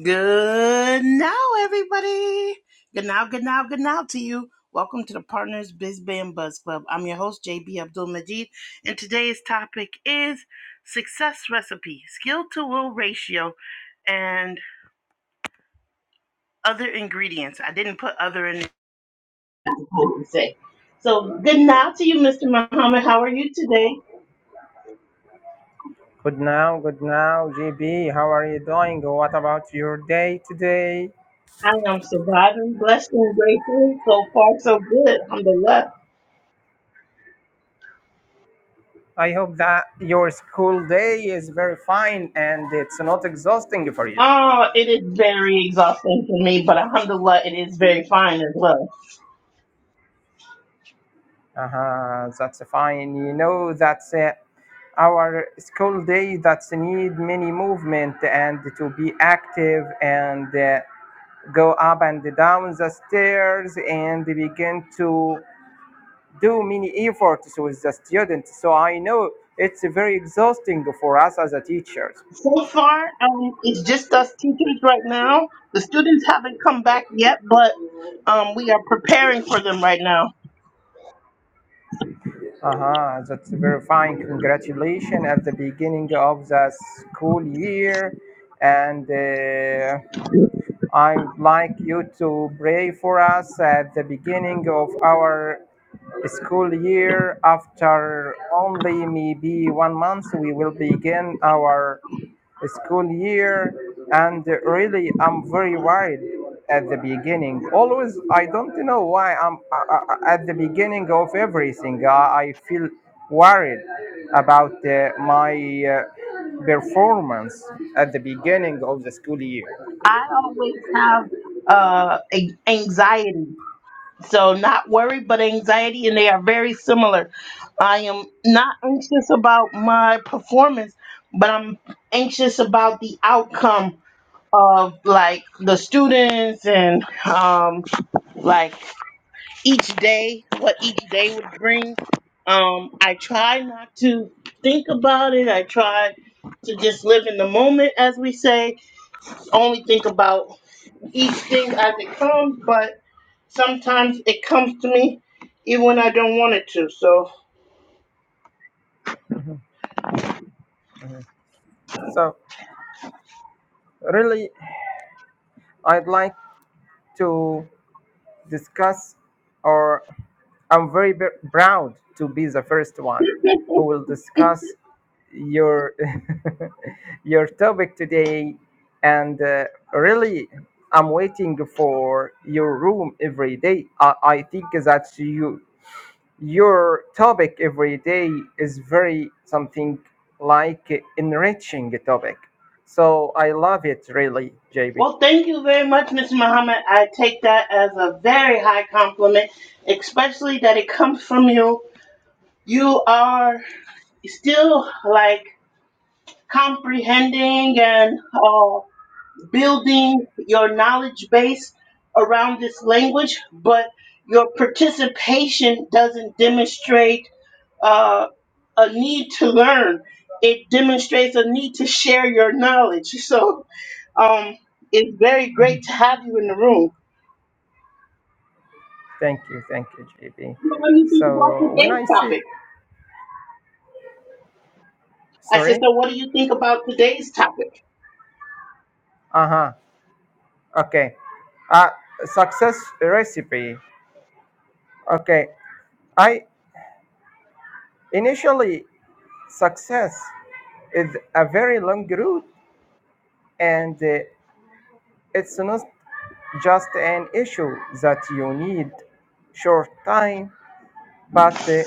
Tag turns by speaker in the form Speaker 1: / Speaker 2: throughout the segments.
Speaker 1: Good now, everybody. Good now, good now, good now to you. Welcome to the Partners Biz Band Buzz Club. I'm your host, JB Abdul Majid, and today's topic is success recipe, skill to will ratio, and other ingredients. I didn't put other in the to say. So good now to you, Mr. Muhammad. How are you today?
Speaker 2: Good now, good now, JB. How are you doing? What about your day today?
Speaker 1: I am surviving, blessed and grateful. So far, so good. Alhamdulillah.
Speaker 2: I hope that your school day is very fine and it's not exhausting for you.
Speaker 1: Oh, it is very exhausting for me, but alhamdulillah, it is very fine as well.
Speaker 2: Uh-huh, that's fine. You know, that's uh, our school day that's need many movement and to be active and uh, go up and down the stairs and begin to do many efforts with the students. So I know it's very exhausting for us as a teachers.
Speaker 1: So far, um, it's just us teachers right now. The students haven't come back yet, but um, we are preparing for them right now.
Speaker 2: Uh-huh, that's very fine. Congratulations at the beginning of the school year. And uh, I would like you to pray for us at the beginning of our school year, after only maybe one month, we will begin our school year. And really, I'm very worried at the beginning. Always, I don't know why I'm I, I- at the beginning of everything. I, I feel worried about uh, my uh, performance at the beginning of the school year.
Speaker 1: I always have uh, a- anxiety. So, not worry, but anxiety, and they are very similar. I am not anxious about my performance, but I'm anxious about the outcome of like the students and um like each day what each day would bring um i try not to think about it i try to just live in the moment as we say only think about each thing as it comes but sometimes it comes to me even when i don't want it to so
Speaker 2: Mhm. So, really, I'd like to discuss or I'm very b- proud to be the first one who will discuss your your topic today, and uh, really, I'm waiting for your room every day. I, I think that you your topic every day is very something like enriching topic. So I love it really, JB.
Speaker 1: well thank you very much mr muhammad i take that as a very high compliment especially that it comes from you you are still like comprehending and uh, building your knowledge base around this language, but your participation doesn't demonstrate uh, a need to learn. It demonstrates a need to share your knowledge. So um, it's very
Speaker 2: Mhm.
Speaker 1: great to have you in the room.
Speaker 2: Thank you, thank you, JB.
Speaker 1: So What do you think about
Speaker 2: So when
Speaker 1: today's
Speaker 2: I see,
Speaker 1: topic? I said,
Speaker 2: sorry,
Speaker 1: so what do you think about today's topic?
Speaker 2: uh huh. Okay. Uh, success recipe. Okay. I initially success is a very long route, and uh, it's not just an issue that you need short time, but uh,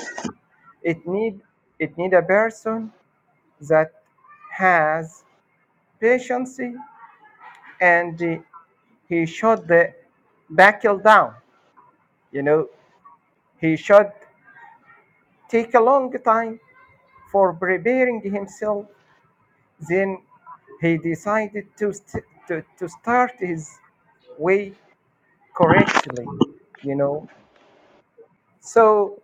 Speaker 2: it need it need a person that has patience and uh, he should uh, back down. You know, he should take a long time for preparing himself. Then he decided to, st- to, to start his way correctly, you know. So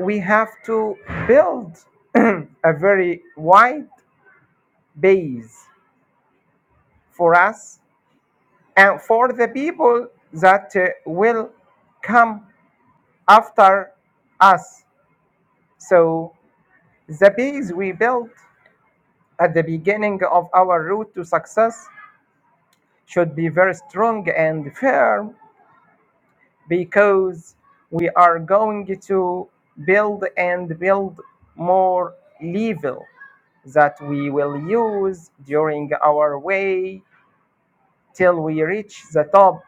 Speaker 2: we have to build a very wide base for us and for the people that uh, will come after us. So the base we built at the beginning of our route to success should be very strong and firm because we are going to build and build more level that we will use during our way till we reach the top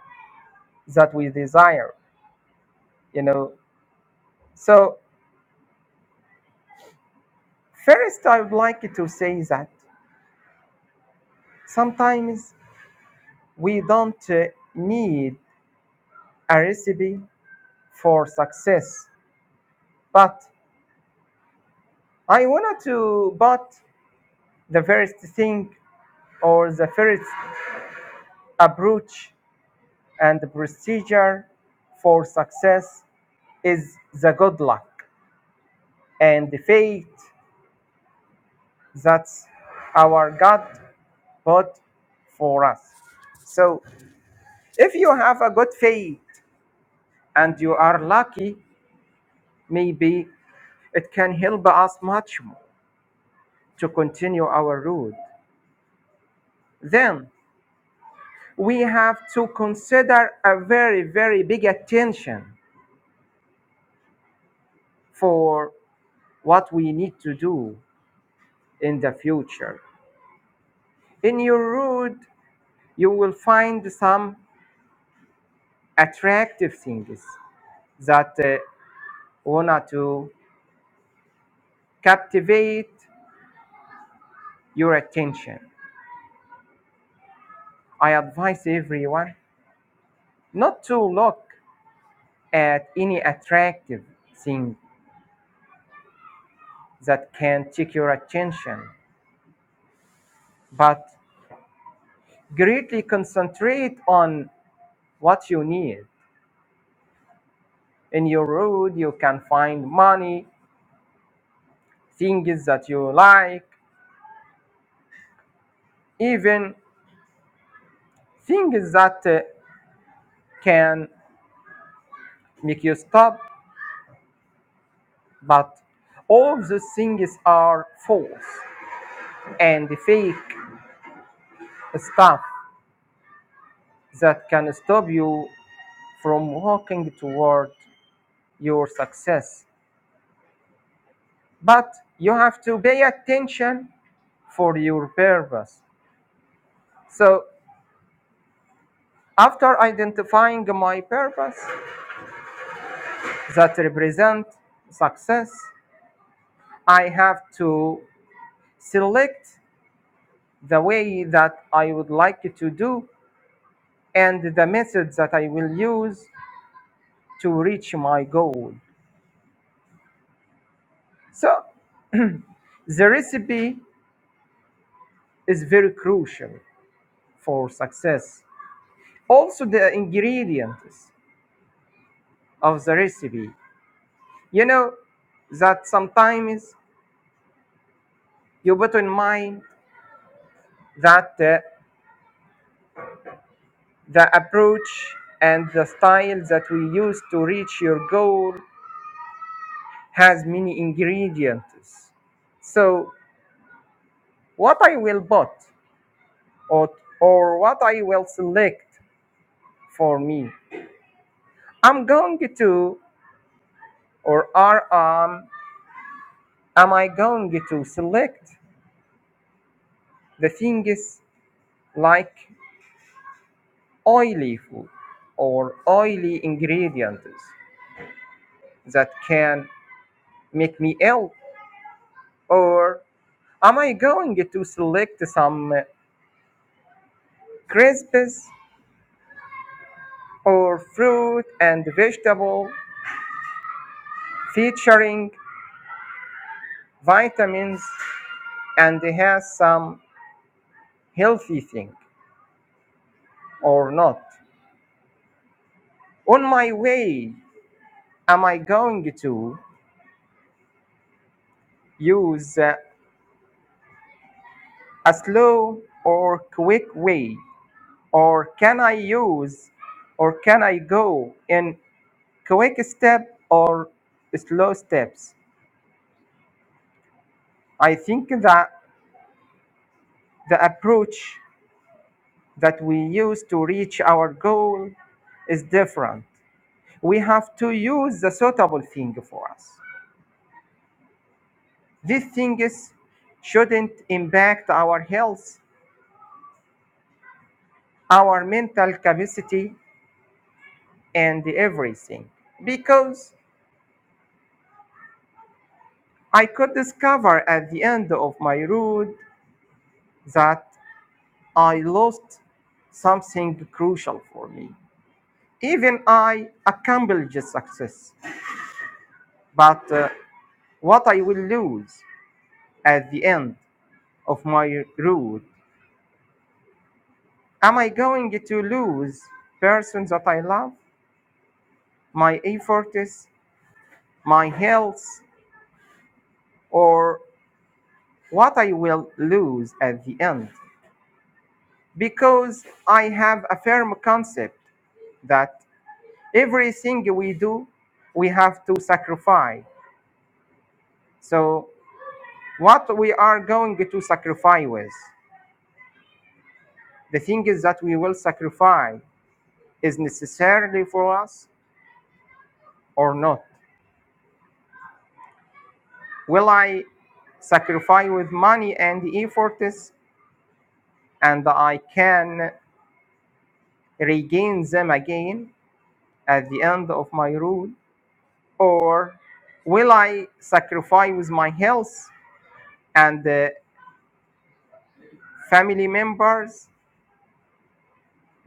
Speaker 2: that we desire you know so first i would like to say that sometimes we don't uh, need a recipe for success but i wanted to but the first thing or the first approach and procedure for success is the good luck and the fate that our God put for us. So if you have a good fate and you are lucky, maybe it can help us much more to continue our road. Then we have to consider a very, very big attention for what we need to do in the future. In your road, you will find some attractive things that uh, want to captivate your attention. I advise everyone not to look at any attractive thing that can take your attention, but greatly concentrate on what you need. In your road, you can find money, things that you like, even things that uh, can make you stop, but all the things are false and fake stuff that can stop you from walking toward your success. But you have to pay attention for your purpose. So after identifying my purpose that represent success, I have to select the way that I would like to do and the method that I will use to reach my goal. So the recipe is very crucial for success. Also the ingredients of the recipe. You know that sometimes you put in mind that uh, the approach and the style that we use to reach your goal has many ingredients. So what I will put or, or what I will select for me. I'm going to, or are um, am I going to select the things like oily food or oily ingredients that can make me ill, or am I going to select some crisps or fruit and vegetable featuring vitamins and has some healthy thing? or not. On my way, am I going to use uh, a slow or quick way? Or can I use or can I go in quick step or slow steps? I think that the approach that we use to reach our goal is different. We have to use the suitable thing for us. These things shouldn't impact our health our mental capacity and everything. Because I could discover at the end of my road that I lost something crucial for me. Even I accomplished success, but uh, what I will lose at the end of my road? Am I going to lose persons that I love, my efforts, my health, or what I will lose at the end? because I have a firm concept that everything we do, we have to sacrifice. So, what we are going to sacrifice with, the thing is that we will sacrifice is necessarily for us or not. Will I sacrifice with money and efforts and I can regain them again at the end of my rule? Or will I sacrifice with my health and uh, family members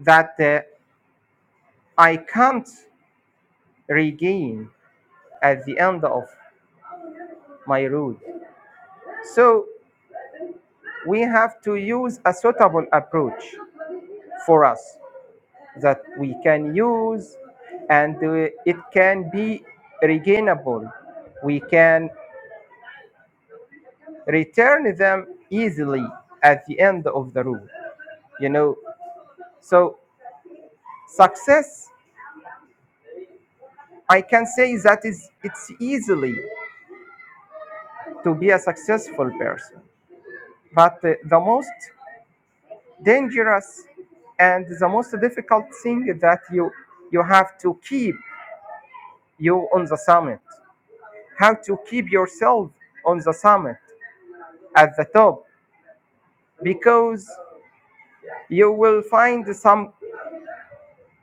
Speaker 2: that uh, I can't regain at the end of my road. So we have to use a suitable approach for us that we can use and uh, it can be regainable. We can return them easily at the end of the road, you know. So success, I can say that is it's easily to be a successful person. But uh, the most dangerous and the most difficult thing that you you have to keep you on the summit. How to keep yourself on the summit at the top because you will find some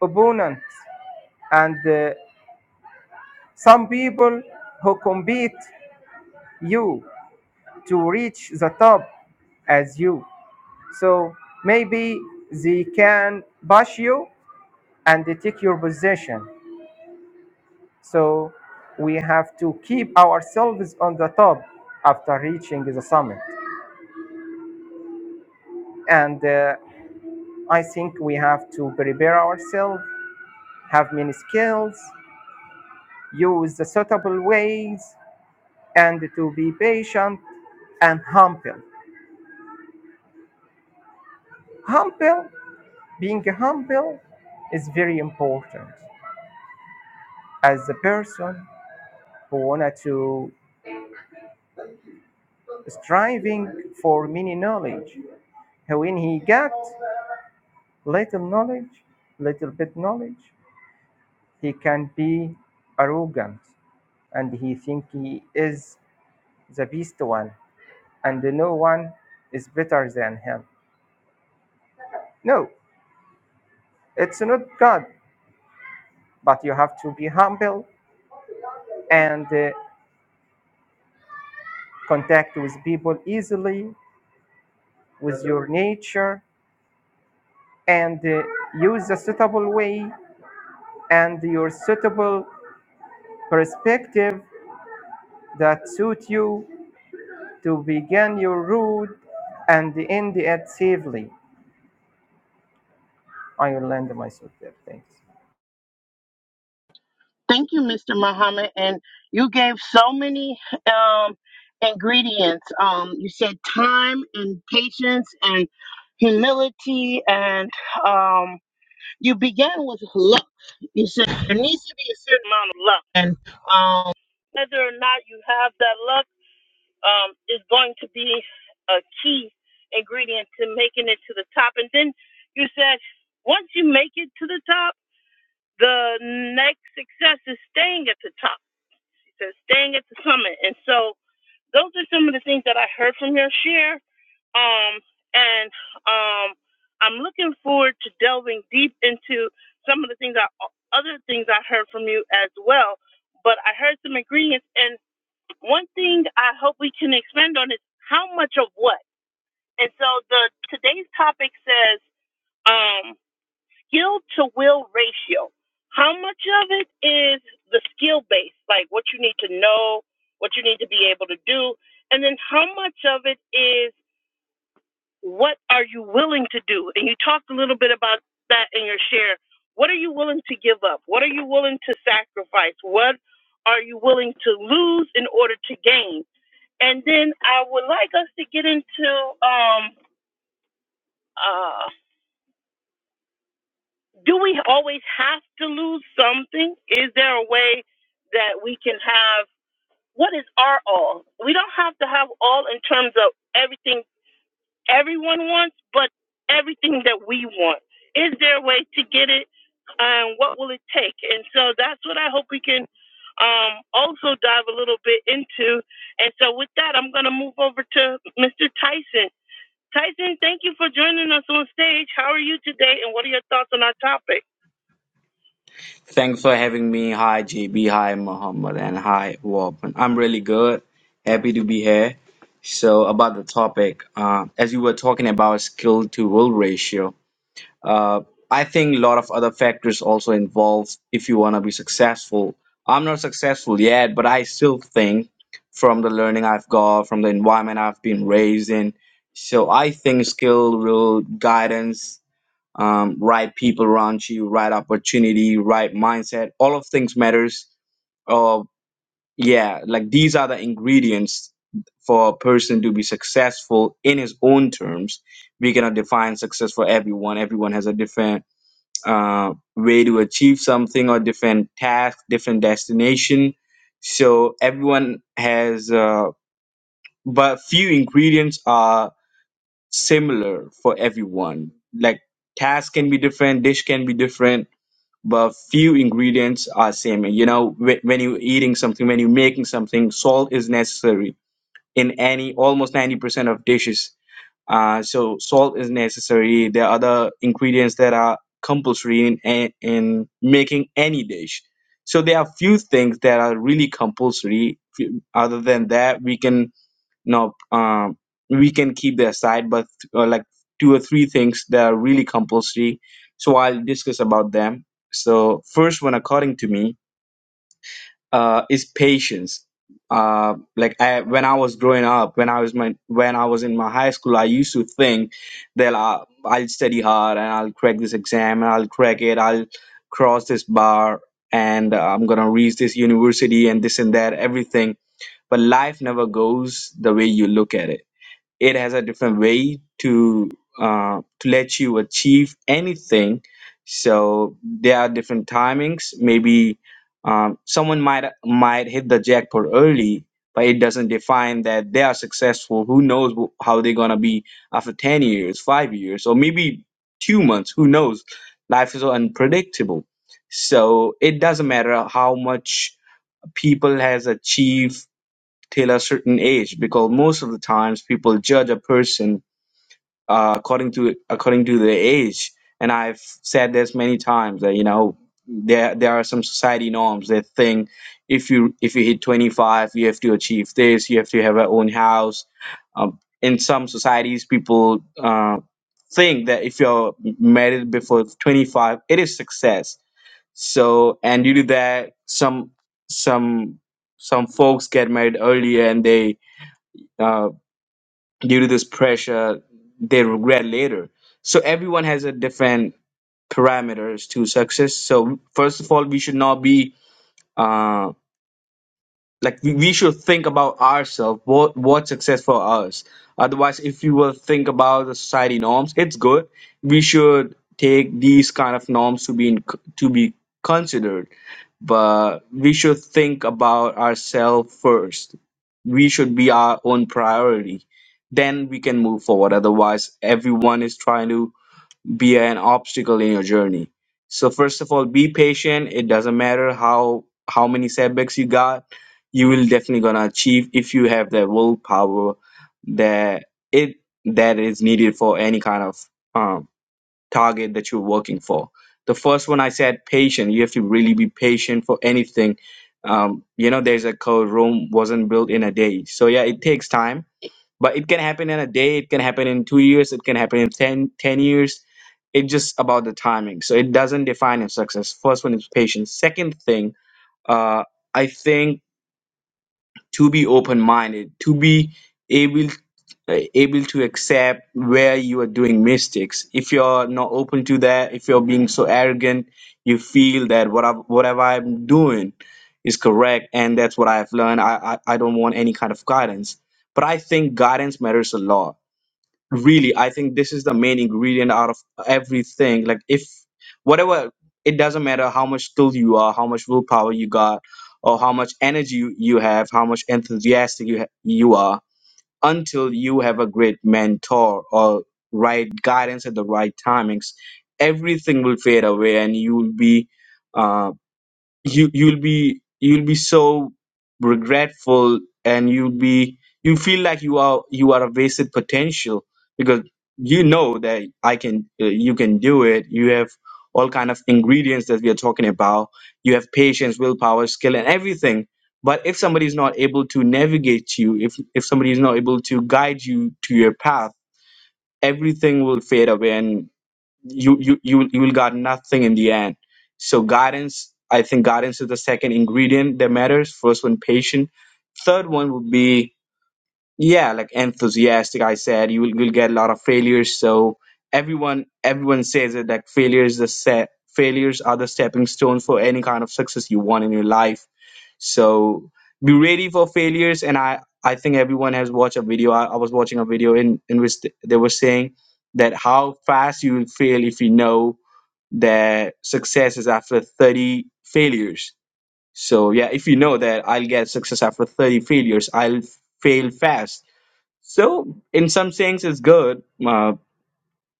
Speaker 2: opponents and uh, some people who compete you to reach the top as you. So maybe they can push you and they take your possession. So we have to keep ourselves on the top after reaching the summit. And uh, I think we have to prepare ourselves, have many skills, use the suitable ways, and to be patient and humble. Humble, being humble is very important as a person who wanted to striving for many knowledge. When he got Little knowledge, little bit knowledge. He can be arrogant and he think he is the best one and no one is better than him. No, it's not God, but you have to be humble and uh, contact with people easily with your nature and uh, use a suitable way and your suitable perspective that suit you to begin your route and end it safely. I will land myself there. Thanks.
Speaker 1: Thank you, Mr. Muhammad. And you gave so many um, ingredients. Um, you said time and patience and humility, and um, you began with luck. You said there needs to be a certain amount of luck, and um, whether or not you have that luck um, is going to be a key ingredient to making it to the top. And then you said once you make it to the top, the next success is staying at the top to staying at the summit. And so those are some of the things that I heard from your share. Um, and um, I'm looking forward to delving deep into some of the things I, other things I heard from you as well. But I heard some ingredients, and one thing I hope we can expand on is how much of what. And so the today's topic says, um, skill to will ratio. How much of it is the skill base, like what you need to know, what you need to be able to do, and then how much of it is what are you willing to do? And you talked a little bit about that in your share. What are you willing to give up? What are you willing to sacrifice? What are you willing to lose in order to gain? And then I would like us to get into um, uh, do we always have to lose something? Is there a way that we can have what is our all? We don't have to have all in terms of everything everyone wants, but everything that we want. Is there a way to get it, and what will it take? And so that's what I hope we can um, also dive a little bit into. And so with that, I'm going to move over to Mr. Tyson. Tyson, thank you for joining us on stage. How are you today, and what are your thoughts on our topic?
Speaker 3: Thanks for having me. Hi, JB. Hi, Muhammad. And hi, Warpen. I'm really good. Happy to be here. So, about the topic, uh, as you were talking about skill to will ratio, uh, I think a lot of other factors also involved if you want to be successful. I'm not successful yet, but I still think from the learning I've got, from the environment I've been raised in, so I think skill, will, guidance, um, right people around you, right opportunity, right mindset. All of things matters. Uh, yeah, like these are the ingredients for a person to be successful in his own terms. We cannot define success for everyone. Everyone has a different uh, way to achieve something or different task, different destination. So everyone has, uh, but few ingredients are similar for everyone. Like task can be different, dish can be different, but few ingredients are same. You know, wh- when you're eating something, when you're making something, salt is necessary in any almost 90% of dishes. Uh, so salt is necessary. There are other ingredients that are compulsory in, a- in making any dish. So there are few things that are really compulsory. Few- Other than that, we can no um we can keep that aside but uh, like two or three things that are really compulsory so i'll discuss about them so first one according to me uh is patience uh like I, when i was growing up when i was my when i was in my high school i used to think that I, i'll study hard and i'll crack this exam and i'll crack it i'll cross this bar and uh, i'm gonna reach this university and this and that everything but life never goes the way you look at it it has a different way to uh, to let you achieve anything so there are different timings maybe um, someone might might hit the jackpot early but it doesn't define that they are successful who knows wh- how they're going to be after 10 years 5 years or maybe 2 months who knows life is so unpredictable so it doesn't matter how much people has achieved till a certain age because most of the times people judge a person uh, according to according to their age and i've said this many times that you know there there are some society norms that think if you if you hit 25 you have to achieve this you have to have your own house um, in some societies people uh, think that if you're married before 25 it is success so and due to that some some some folks get married earlier and they uh, due to this pressure they regret later. So everyone has a different parameters to success. So first of all, we should not be uh, like we we should think about ourselves what what success for us otherwise if you will think about the society norms it's good we should take these kind of norms to be in, to be considered but we should think about ourselves first we should be our own priority then we can move forward otherwise everyone is trying to be an obstacle in your journey. So first of all, be patient. It doesn't matter how how many setbacks you got, you will definitely gonna achieve if you have that willpower that it that is needed for any kind of um, target that you're working for. The first one I said patient. You have to really be patient for anything. Um, you know, there's a code Rome wasn't built in a day. So yeah, it takes time but it can happen in a day it can happen in two years it can happen in 10 10 years it's just about the timing so it doesn't define your success first one is patience second thing uh, i think to be open-minded to be able uh, able to accept where you are doing mistakes if you're not open to that if you're being so arrogant you feel that what I, whatever i'm doing is correct and that's what i've learned I, I i don't want any kind of guidance but i think guidance matters a lot really i think this is the main ingredient out of everything like if whatever it doesn't matter how much skill you are how much willpower you got or how much energy you you have how much enthusiastic you, ha- you are until you have a great mentor or right guidance at the right timings everything will fade away and you will be uh, you you'll be you'll be so regretful and you'll be you feel like you are you are a wasted potential because you know that i can uh, you can do it you have all kind of ingredients that we are talking about you have patience willpower skill and everything but if somebody is not able to navigate you if if somebody is not able to guide you to your path everything will fade away and you you you will- you will got nothing in the end so guidance i think guidance is the second ingredient that matters first one patient third one would be yeah like enthusiastic i said you will you'll get a lot of failures so everyone everyone says it that failures the set failures are the stepping stones for any kind of success you want in your life so be ready for failures and i i think everyone has watched a video i, I was watching a video in in which th- they were saying that how fast you will fail if you know that success is after 30 failures so yeah if you know that i'll get success after 30 failures i'll fail fast so, in some sense, it's good uh,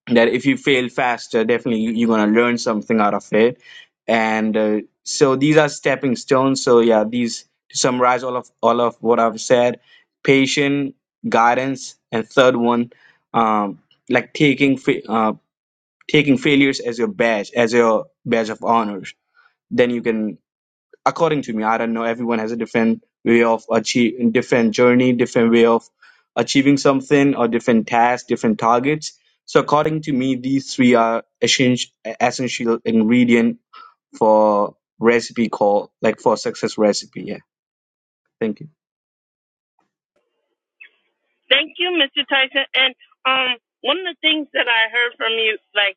Speaker 3: that if you fail faster, definitely you, you're going to learn something out of it. And uh, so these are stepping stones. So, yeah, these to summarize all of all of what I've said: patient, guidance, and third one, um, like taking fa- uh, taking failures as your badge, as your badge of honors. Then you can according to me, I don't know. Everyone has a different way of achieve, different journey, different way of achieving something, or different tasks, different targets. So according to me, these three are essential, essential ingredient for recipe call like for success recipe. Yeah, thank you.
Speaker 1: Thank you, Mr. Tyson. And um, one of the things that I heard from you, like,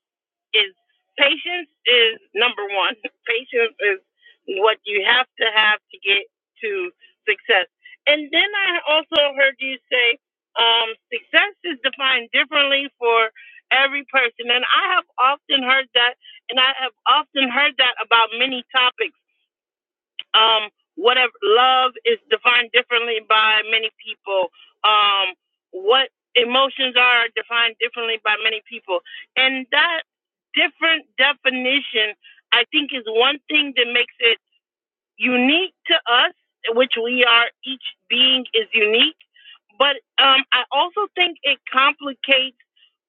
Speaker 1: is patience is number one. Patience is what you have to have to get to success. And then I also heard you say um, success is defined differently for every person. And I have often heard that, and I have often heard that about many topics. Um, whatever love is defined differently by many people. Um, what emotions are defined differently by many people, and that different definition, I think, is one thing that makes it unique to us, which we are, each being is unique. But um, I also think it complicates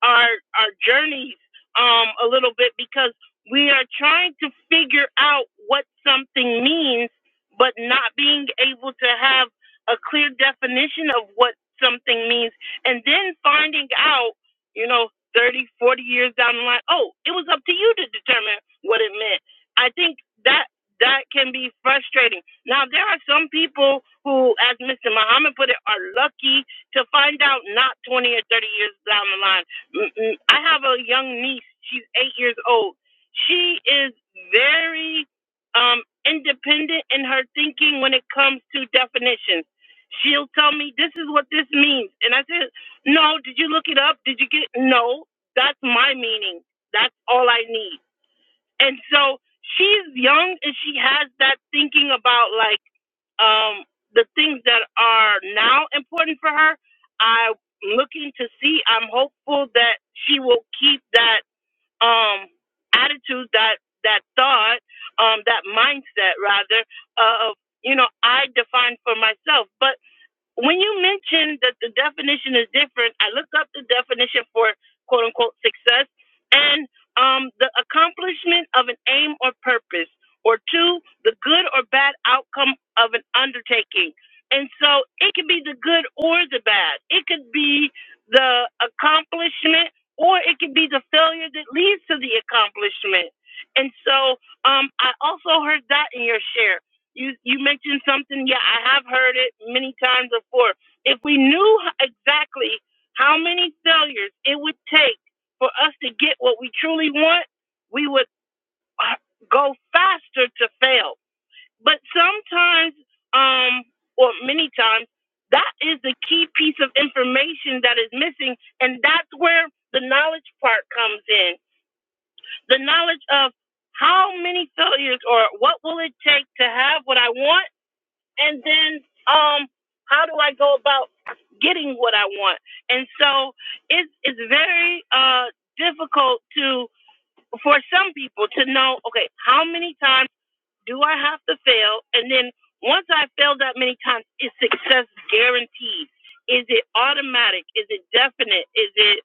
Speaker 1: our our journeys um, a little bit because we are trying to figure out what something means, but not being able to have a clear definition of what something means, and then finding out, you know, 30, 40 years down the line, oh, it was up to you to determine what it meant. I think that that can be frustrating. Now, there are some people who, as Mr. Muhammad put it, are lucky to find out not 20 or 30 years down the line. Mm, mm. I have a young niece, she's eight years old. She is very um, independent in her thinking when it comes to definitions. She'll tell me, This is what this means. And I said, No, did you look it up? Did you get No, that's my meaning. That's all I need and so she's young and she has that thinking about like um the things that are now important for her i'm looking to see i'm hopeful that she will keep that um attitude that that thought um that mindset rather of you know i define for myself but when you mentioned that the definition is different, I looked up the definition for quote unquote success and um, the accomplishment of an aim or purpose, or two, the good or bad outcome of an undertaking. And so it can be the good or the bad. It could be the accomplishment or it could be the failure that leads to the accomplishment. And so um, I also heard that in your share. You you mentioned something. Yeah, I have heard it many times before. If we knew exactly how many failures it would take for us to get what we truly want, we would uh, go faster to fail. But sometimes, um, or many times, that is the key piece of information that is missing, and that's where the knowledge part comes in. The knowledge of how many failures or what will it take to have what I want and then um how do I go about getting what I want? And so it's it's very uh difficult to for some people to know, okay, how many times do I have to fail? And then once I failed that many times, is success guaranteed? Is it automatic? Is it definite? Is it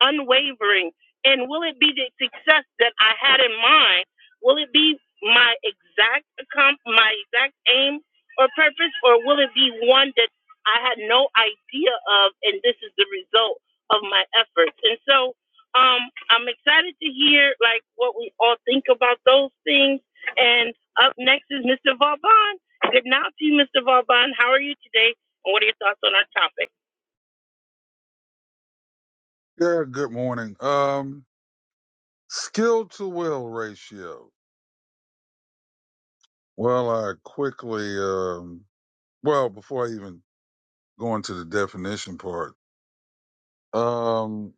Speaker 1: unwavering? And will it be the success that I had in mind? Will it be my exact accom- my exact aim or purpose, or will it be one that I had no idea of, and this is the result of my efforts? And so, um, I'm excited to hear like what we all think about those things and. Up next is Mr. Vauban. Good night to you, Mr. Vauban. How are you today? And what are your thoughts on our topic?
Speaker 4: Yeah, good morning. Um, skill to will ratio. Well, I quickly, um, well, before I even go into the definition part, um,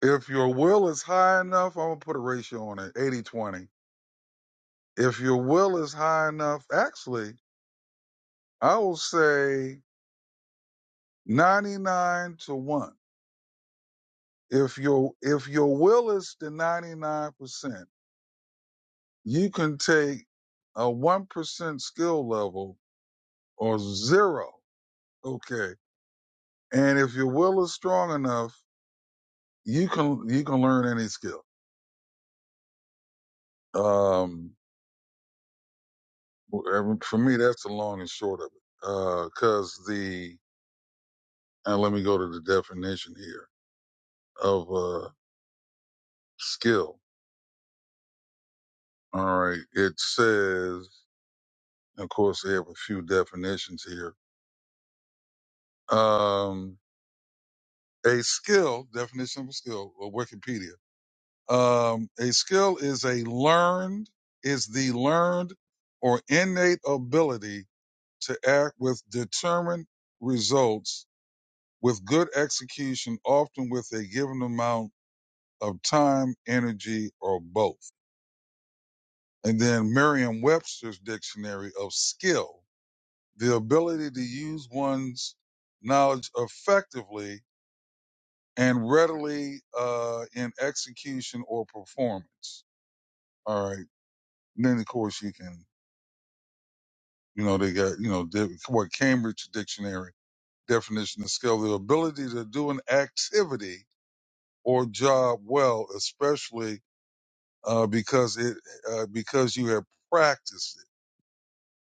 Speaker 4: if your will is high enough, I'm gonna put a ratio on it, 80 20. If your will is high enough, actually, I will say 99 to 1. If your, if your will is the 99%, you can take a 1% skill level or zero Okay. And if your will is strong enough, you can you can learn any skill. Um, for me, that's the long and short of it. Uh, cause the and let me go to the definition here of uh skill. All right, it says, of course, they have a few definitions here. Um, a skill definition of a skill, or Wikipedia. Um, a skill is a learned is the learned or innate ability to act with determined results with good execution, often with a given amount of time, energy, or both. And then Merriam Webster's dictionary of skill, the ability to use one's knowledge effectively and readily uh, in execution or performance. All right. And then, of course, you can, you know, they got, you know, what Cambridge Dictionary definition of skill, the ability to do an activity or job well, especially uh, because it uh, because you have practiced it.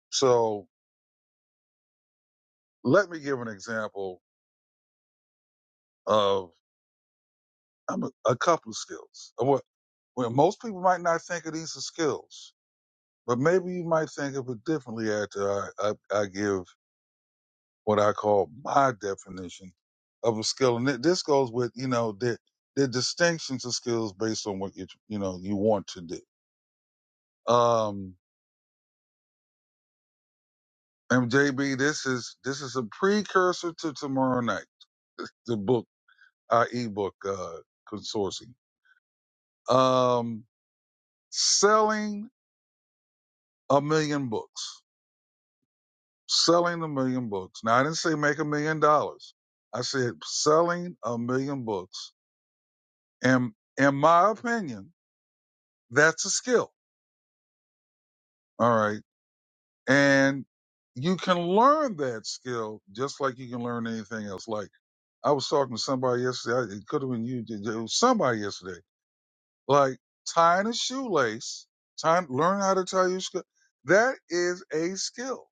Speaker 4: So let me give an example of um, a couple of skills. Uh, What well, most people might not think of these as skills, but maybe you might think of it differently after I, I, I give what I call my definition of a skill, and this goes with you know the the distinctions of skills based on what you you know you want to do. Um, MJB, this is this is a precursor to tomorrow night, the book, our ebook uh, consortium. Um, selling a million books, selling a million books. Now I didn't say make a million dollars. I said selling a million books, and in my opinion, that's a skill. All right, and you can learn that skill just like you can learn anything else. Like I was talking to somebody yesterday. It could have been you. It was somebody yesterday Like tying a shoelace, tying, learn how to tie your skill. That is a skill.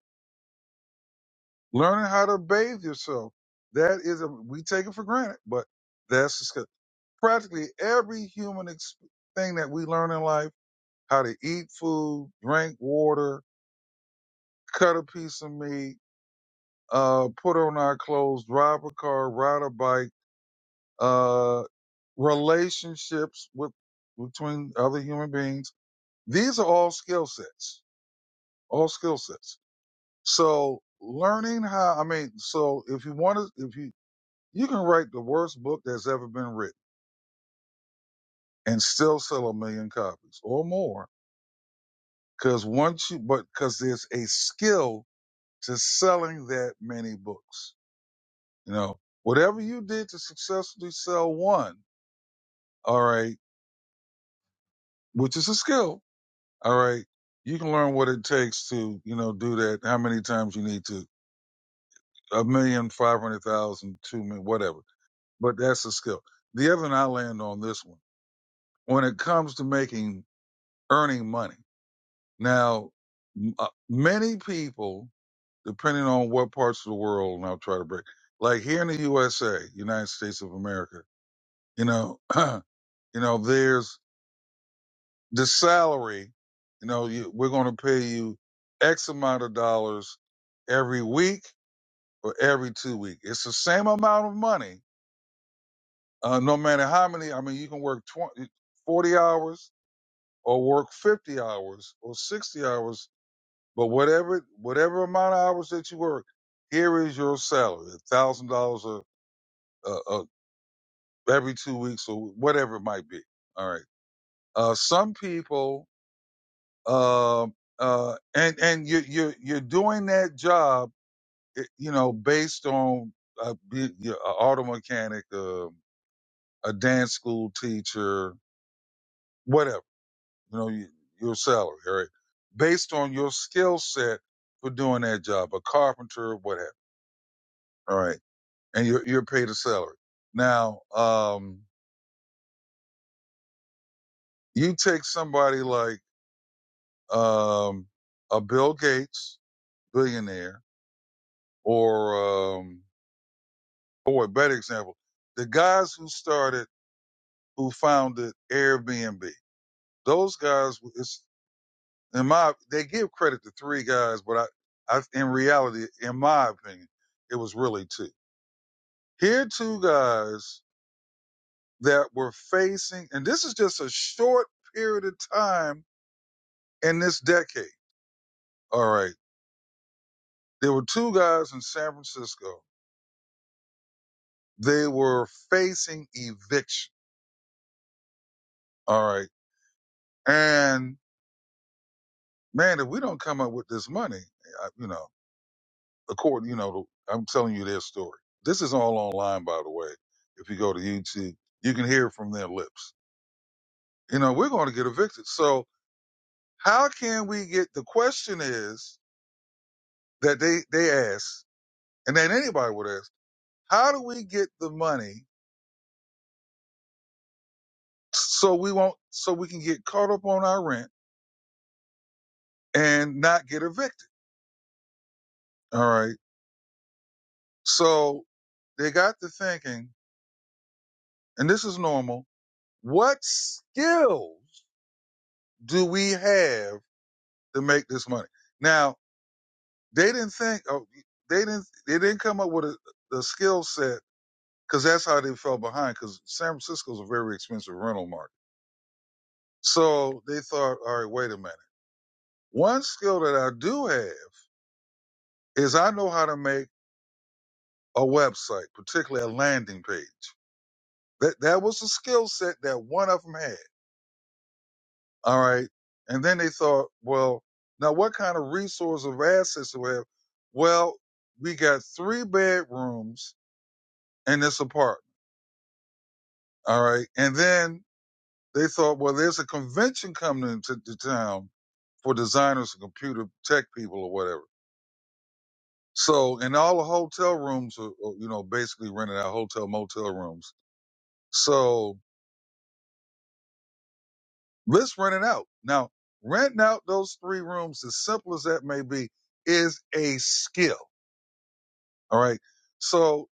Speaker 4: Learning how to bathe yourself. That is a, we take it for granted, but that's a skill. Practically every human ex- thing that we learn in life, how to eat food, drink water, cut a piece of meat, uh, put on our clothes, drive a car, ride a bike, uh, relationships with, between other human beings. These are all skill sets all skill sets. So learning how, I mean, so if you want to, if you, you can write the worst book that's ever been written and still sell a million copies or more. Cause once you, but cause there's a skill to selling that many books. You know, whatever you did to successfully sell one, all right, which is a skill, all right, you can learn what it takes to, you know, do that, how many times you need to, a million, five hundred thousand, two million, whatever but that's a skill. The other, and I land on this one. When it comes to making earning money, now uh, many people, depending on what parts of the world, and I'll try to break, like here in the USA, United States of America, you know, you know, there's the salary. You know, you, we're going to pay you X amount of dollars every week or every two weeks. It's the same amount of money, uh, no matter how many. I mean, you can work 20, 40 hours or work 50 hours or 60 hours, but whatever whatever amount of hours that you work, here is your salary, a thousand dollars a every two weeks or whatever it might be. All right. Uh, some people, um uh, and and you you you're doing that job, eh, you know, based on uh, be, you're an auto mechanic, uh, a dance school teacher, whatever you know, you- your salary, all right, based on your skill set for doing that job, a carpenter, whatever, all right, and you're, you're paid a salary. Now, um, you take somebody like um, a Bill Gates, billionaire, or um, boy, better example, the guys who started, who founded Airbnb. Those guys, it's in my, they give credit to three guys, but I, I, in reality, in my opinion, it was really two Here are two guys that were facing, and this is just a short period of time in this decade. All right. There were two guys in San Francisco. They were facing eviction. All right. And man, if we don't come up with this money, I- you know, according, you know, I'm telling you their story. This is all online, by the way. If you go to YouTube, you can hear it from their lips. You know, we're going to get evicted. So how can we get, the question is, that they they asked, and that anybody would ask, how do we get the money so we won't so we can get caught up on our rent and not get evicted? All right. So they got to thinking, and this is normal. What skills do we have to make this money? Now they didn't think. Oh, they didn't. They didn't come up with a, a skill set because that's how they fell behind. Because San Francisco's a very expensive rental market. So they thought, all right, wait a minute One skill that I do have is I know how to make a website, particularly a landing page. That that was a skill set that one of them had. All right. And then they thought, well, now what kind of resource of assets do we have? Well, we got three bedrooms in this apartment. All right. And then they thought, well, there's a convention coming into the town for designers and computer tech people or whatever. So, and all the hotel rooms are, are, you know, basically rented out, hotel, motel rooms. So let's rent it out. Now, renting out those three rooms, as simple as that may be, is a skill. All right. So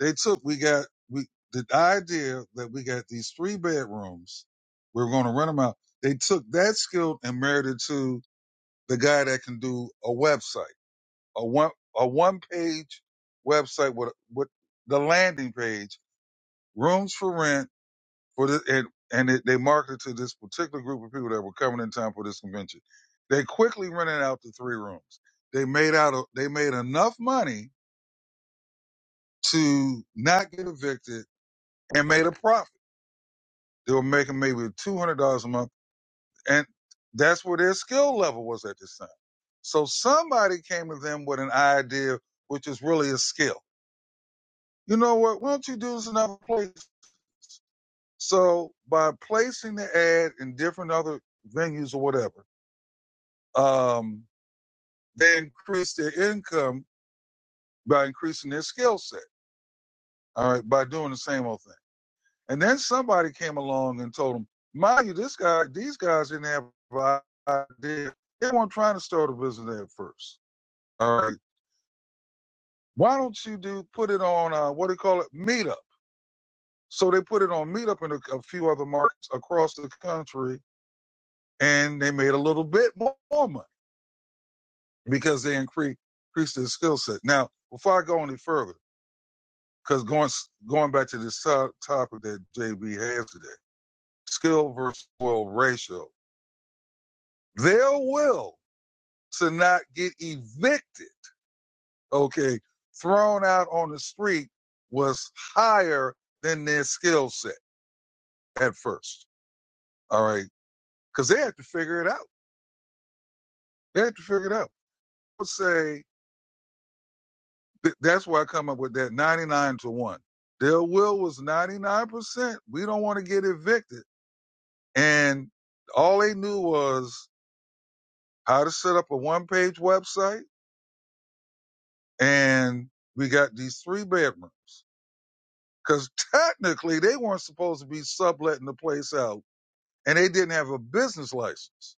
Speaker 4: they took, we got, we, the idea that we got these three bedrooms, we were going to rent them out. They took that skill and married it to the guy that can do a website, a one, a one page website with, with the landing page rooms for rent for this, and, and it, they marketed to this particular group of people that were coming in time for this convention. They quickly rented out the three rooms. They made out, a, they made enough money to not get evicted and made a profit. They were making maybe two hundred dollars a month, and that's where their skill level was at this time. So somebody came to them with an idea, which is really a skill. You know what? Why don't you do this in other places? So by placing the ad in different other venues or whatever, um, they increase their income by increasing their skill set. All right, by doing the same old thing. And then somebody came along and told them, "Mind you, this guy, these guys didn't have an idea. They weren't trying to start a business at first. All right, why don't you do put it on uh, what do you call it, Meetup?" So they put it on Meetup in a, a few other markets across the country, and they made a little bit more money. because they increase increase their skill set. Now, before I go any further, because going going back to this to- topic that JB has today, skill versus will ratio, their will to not get evicted, okay, thrown out on the street was higher than their skill set at first. All right, because they had to figure it out. They had to figure it out. I would say Th- that's where I come up with that 99 to 1. Their will was 99%. We don't want to get evicted. And all they knew was how to set up a one page website. And we got these three bedrooms. Because technically, they weren't supposed to be subletting the place out. And they didn't have a business license.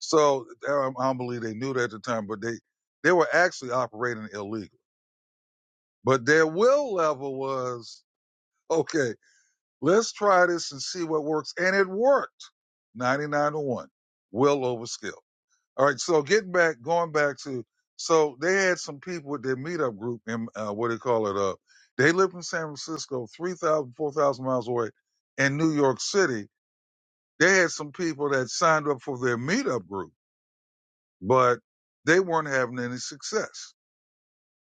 Speaker 4: So I don't believe they knew that at the time, but they, they were actually operating illegally. But their will level was okay. Let's try this and see what works. And it worked 99 to 1, well over skill. All right. So getting back, going back to, so they had some people with their meetup group in, uh, what do they call it, uh, they lived in San Francisco, 3,000, 4,000 miles away in New York City. They had some people that signed up for their meetup group, but they weren't having any success.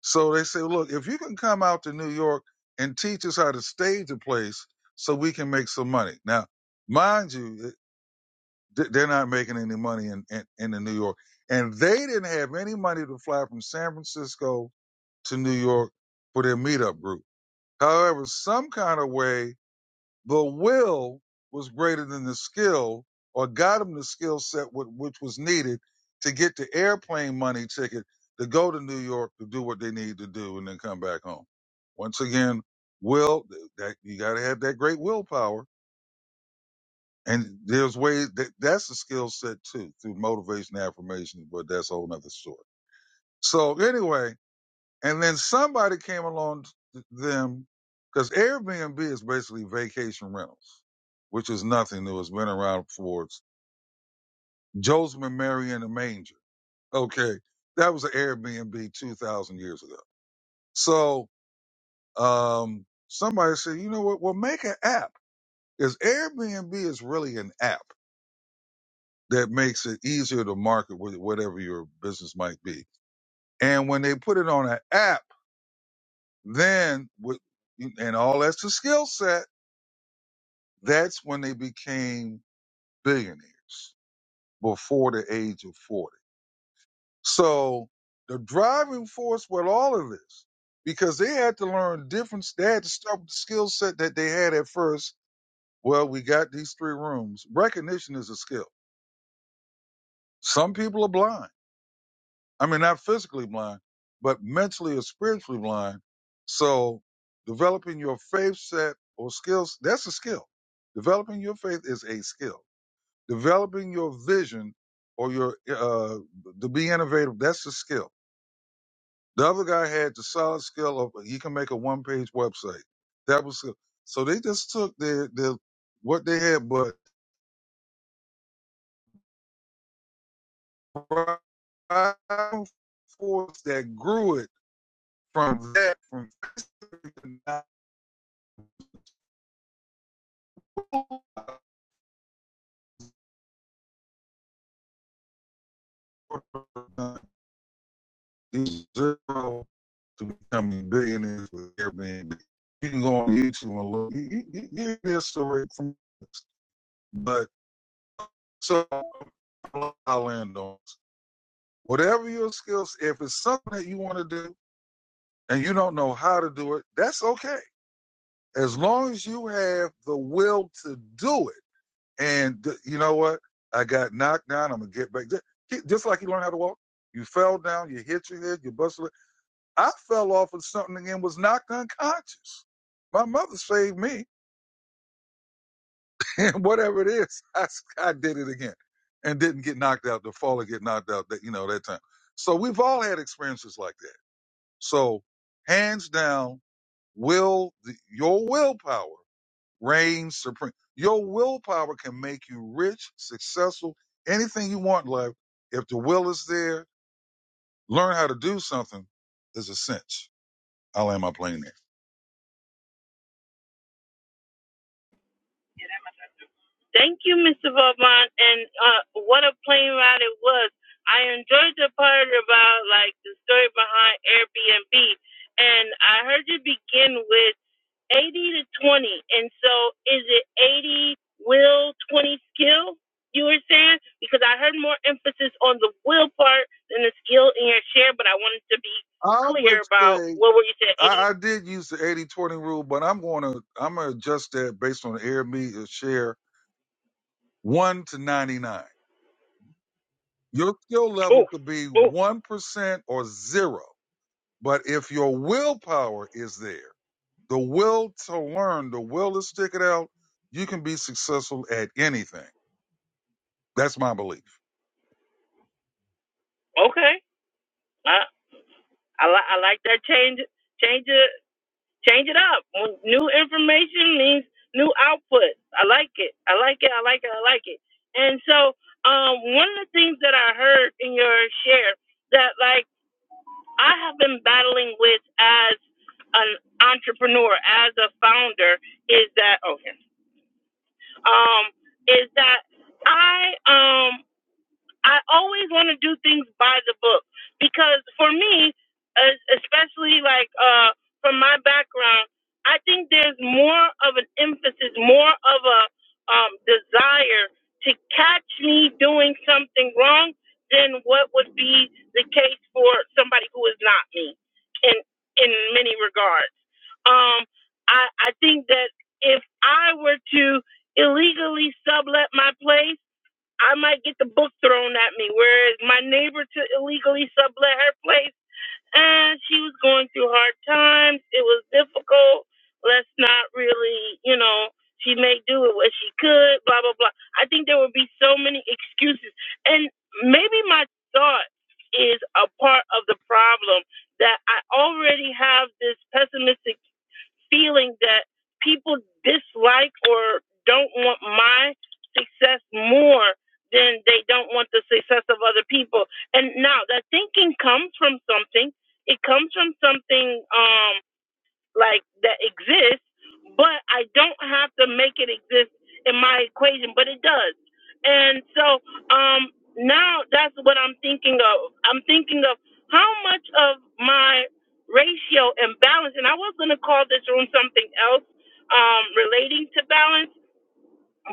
Speaker 4: So they say, look, if you can come out to New York and teach us how to stage a place so we can make some money. Now, mind you, th- they're not making any money in, in, in the New York. And they didn't have any money to fly from San Francisco to New York for their meetup group. However, some kind of way the will was greater than the skill or got him the skill set which was needed to get the airplane money ticket to go to New York to do what they need to do and then come back home. Once again, will that you got to have that great willpower. And there's ways that that's a skill set too through motivation and affirmation, but that's a whole nother story. So anyway, and then somebody came along to them because Airbnb is basically vacation rentals, which is nothing new. It's been around for Joseph and Mary in the manger. Okay. That was an Airbnb 2000 years ago. So, um, somebody said, you know what? We'll make an app because Airbnb is really an app that makes it easier to market with whatever your business might be. And when they put it on an app, then with, and all that's the skill set That's when they became billionaires before the age of 40. So the driving force with all of this, because they had to learn different, they had to start with the skill set that they had at first. Well, we got these three rooms. Recognition is a skill. Some people are blind. I mean, not physically blind, but mentally or spiritually blind. So developing your faith set or skills, that's a skill. Developing your faith is a skill. Developing your vision or your uh, to be innovative, that's a skill. The other guy had the solid skill of he can make a one page website. That was so they just took their their what they had, but force that grew it from that from zero to becoming billionaires with Airbnb. You can go on YouTube and look. You, you, you hear this story from, this, but so. our landowners. Whatever your skills, if it's something that you want to do and you don't know how to do it, that's okay. As long as you have the will to do it. And you know what? I got knocked down. I'm gonna get back. Just like you learn how to walk, you fell down, you hit your head, you busted. it. I fell off of something and was knocked unconscious. My mother saved me, and whatever it is, I I did it again, and didn't get knocked out. The fall or get knocked out. That you know that time. So we've all had experiences like that. So, hands down, will the, your willpower reigns supreme. Your willpower can make you rich, successful, anything you want in life. If the will is there, learn how to do something is a cinch. I'll end my plane there.
Speaker 1: Thank you, Mr. Vauban. And uh, what a plane ride it was. I enjoyed the part about like the story behind Airbnb. And I heard you begin with. 80 to 20. And so is it 80 will, 20 skill? You were saying? Because I heard more emphasis on the will part than the skill in your share, but I wanted to be
Speaker 4: I would
Speaker 1: clear about
Speaker 4: say
Speaker 1: what were you saying? 80.
Speaker 4: I, I did use the eighty twenty rule, but I'm gonna I'm gonna adjust that based on the air media share one to ninety nine. Your skill level
Speaker 1: Ooh,
Speaker 4: could be
Speaker 1: ooh,
Speaker 4: one percent or zero But if your willpower is there, the will to learn, the will to stick it out, you can be successful at anything. That's my belief.
Speaker 1: okay. I, I, li- I like that change. Change it. Change it up. When New information means new output. I like it. I like it. I like it. I like it. And so, um, one of the things that I heard in your share that like I have been battling with as an entrepreneur, as a founder, is that okay? Um, is that I um I always want to do things by the book because for me, especially like uh, from my background, I think there's more of an emphasis, more of a um, desire to catch me doing something wrong than what would be the case for somebody who is not me in in many regards. Um, I, I think that if I were to illegally sublet my place I might get the book thrown at me. Whereas my neighbor to illegally sublet her place, and she was going through hard times. It was difficult. Let's not really, you know, she may do it what she could. Blah blah blah. I think there would be so many excuses, and maybe my thought is a part of the problem that I already have this pessimistic feeling that people dislike or don't want my success more than they don't want the success of other people. And now that thinking comes from something. It comes from something. Um, like that exists, but I don't have to make it exist in my equation, but it does. And so um now that's what I'm thinking of. I'm thinking of how much of my ratio and balance and I was gonna call this room something else um relating to balance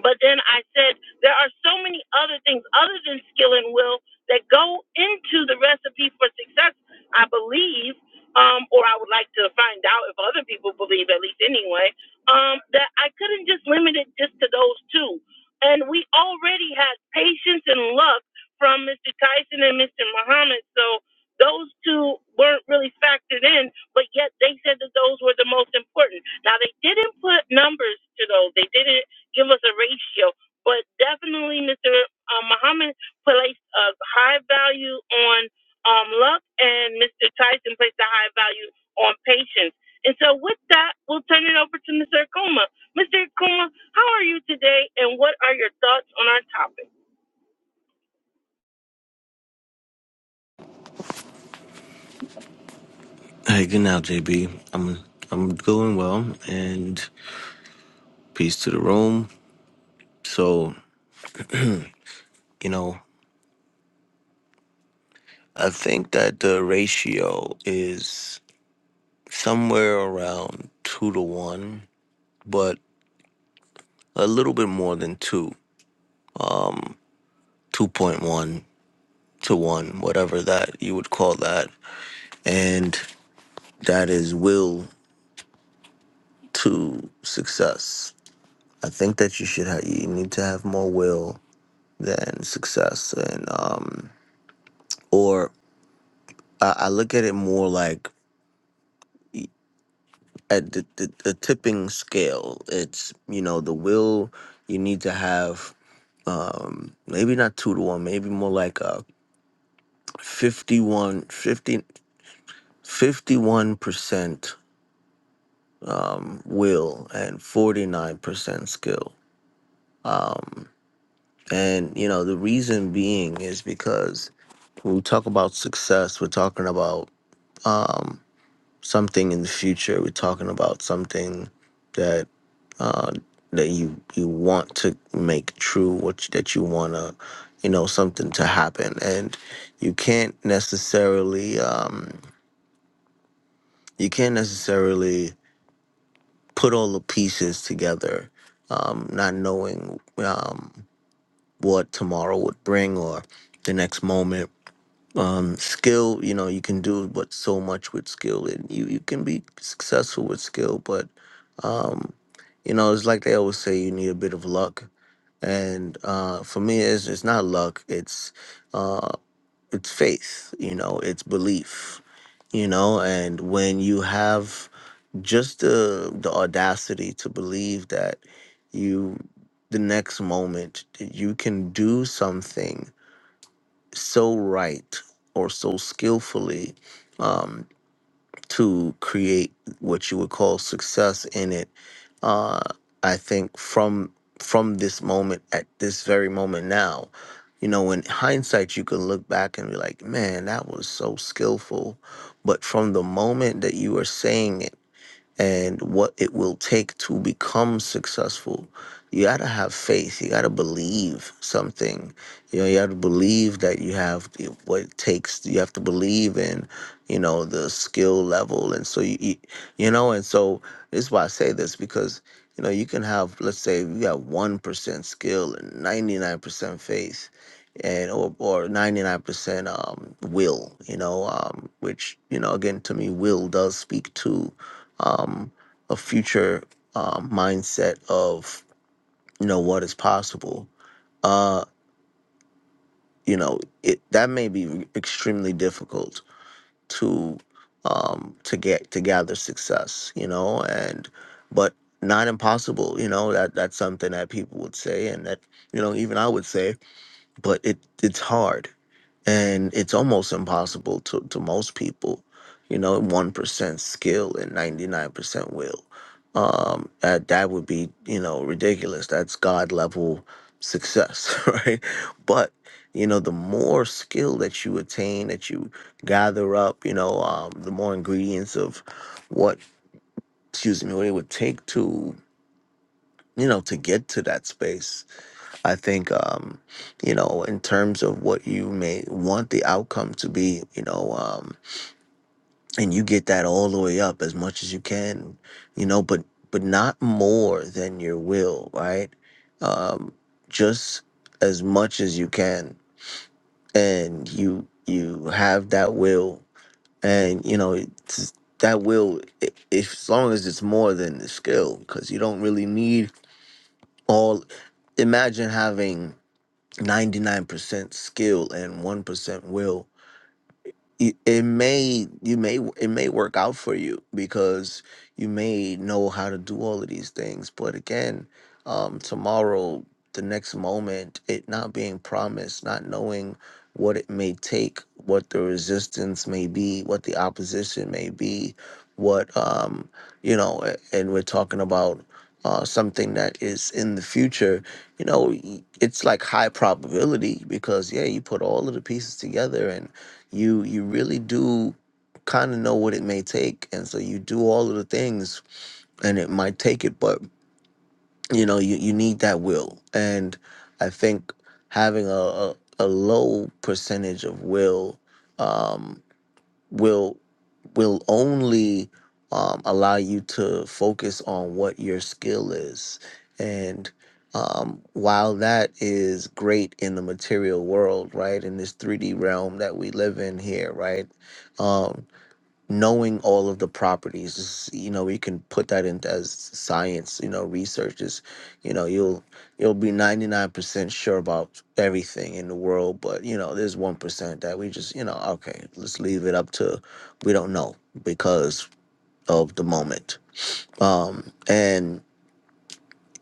Speaker 1: but then I said, there are so many other things other than skill and will that go into the recipe for success, I believe, um, or I would like to find out if other people believe, at least anyway, um, that I couldn't just limit it just to those two. And we already had patience and luck from Mr. Tyson and Mr. Muhammad. So those two weren't really factored in, but yet they said that those were the most important. Now, they didn't put numbers to those. They didn't give us a ratio. But definitely, Mr. Uh, Muhammad placed a high value on um, luck, and Mr. Tyson placed a high value on patience. And so, with that, we'll turn it over to Mr. Akuma. Mr. Akuma, how are you today, and what are your thoughts on our topic?
Speaker 5: Hey, good now, JB. I'm I'm doing well, and peace to the room. So you know, I think that the ratio is somewhere around two to one, but a little bit more than two, two point one to one, whatever that you would call that, and that is will to success. I think that you should have you need to have more will than success, and um, or I, I look at it more like y- at the, the, the tipping scale. It's you know the will you need to have um maybe not two to one, maybe more like a fifty one fifty fifty one percent um will and 49% skill. Um and you know the reason being is because when we talk about success, we're talking about um, something in the future. We're talking about something that uh, that you you want to make true, what you, that you want to, you know, something to happen, and you can't necessarily um, you can't necessarily put all the pieces together, um, not knowing um, what tomorrow would bring or the next moment um, skill you know you can do but so much with skill and you, you can be successful with skill but um, you know it's like they always say you need a bit of luck and uh, for me it's, it's not luck it's uh, it's faith you know it's belief you know and when you have just the the audacity to believe that you the next moment you can do something so right or so skillfully um, to create what you would call success in it. Uh, I think from from this moment at this very moment now, you know, in hindsight, you can look back and be like, "Man, that was so skillful." But from the moment that you were saying it and what it will take to become successful. You gotta have faith. You gotta believe something. You know, you have to believe that you have the- what it takes. You have to believe in, you know, the skill level. And so you, you you know, and so this is why I say this because you know you can have, let's say, you got one percent skill and ninety nine percent faith, and or or ninety nine percent um will. You know, um, which you know, again, to me, will does speak to um, a future um, mindset of you know what is possible. Uh, you know it that may be extremely difficult to um, to get to gather success. You know, and but not impossible. You know that that's something that people would say, and that you know even I would say but it it's hard and it's almost impossible to, to most people you know 1% skill and 99% will um that, that would be you know ridiculous that's god level success right but you know the more skill that you attain that you gather up you know um the more ingredients of what excuse me what it would take to you know to get to that space I think, um, you know, in terms of what you may want the outcome to be, you know, um, and you get that all the way up as much as you can, you know, but but not more than your will, right? Um, just as much as you can, and you you have that will, and you know it's, that will, i- if, as long as it's more than the skill, because you don't really need all. Imagine having 99% skill and 1% will it, it may you may it may work out for you because you may know how to do all of these things but again um tomorrow the next moment it not being promised not knowing what it may take what the resistance may be what the opposition may be what um you know a- and we're talking about uh, something that is in the future, you know, y- it's like high probability because yeah, you put all of the pieces together you you really do kind of know what it may take and so you do all of the things and it might take it but you know you, you need that will and i think having a, a, a low percentage of will um, will will only um, allow you to focus on what your skill is. And um, while that is great in the material world, right, in this 3D realm that we live in here, right, um, knowing all of the properties is- you know we can put that into as science you know research is you know you'll you'll be 99% sure about everything in the world but you know there's 1% that we just you know okay let's leave it up to we don't know because of the moment um and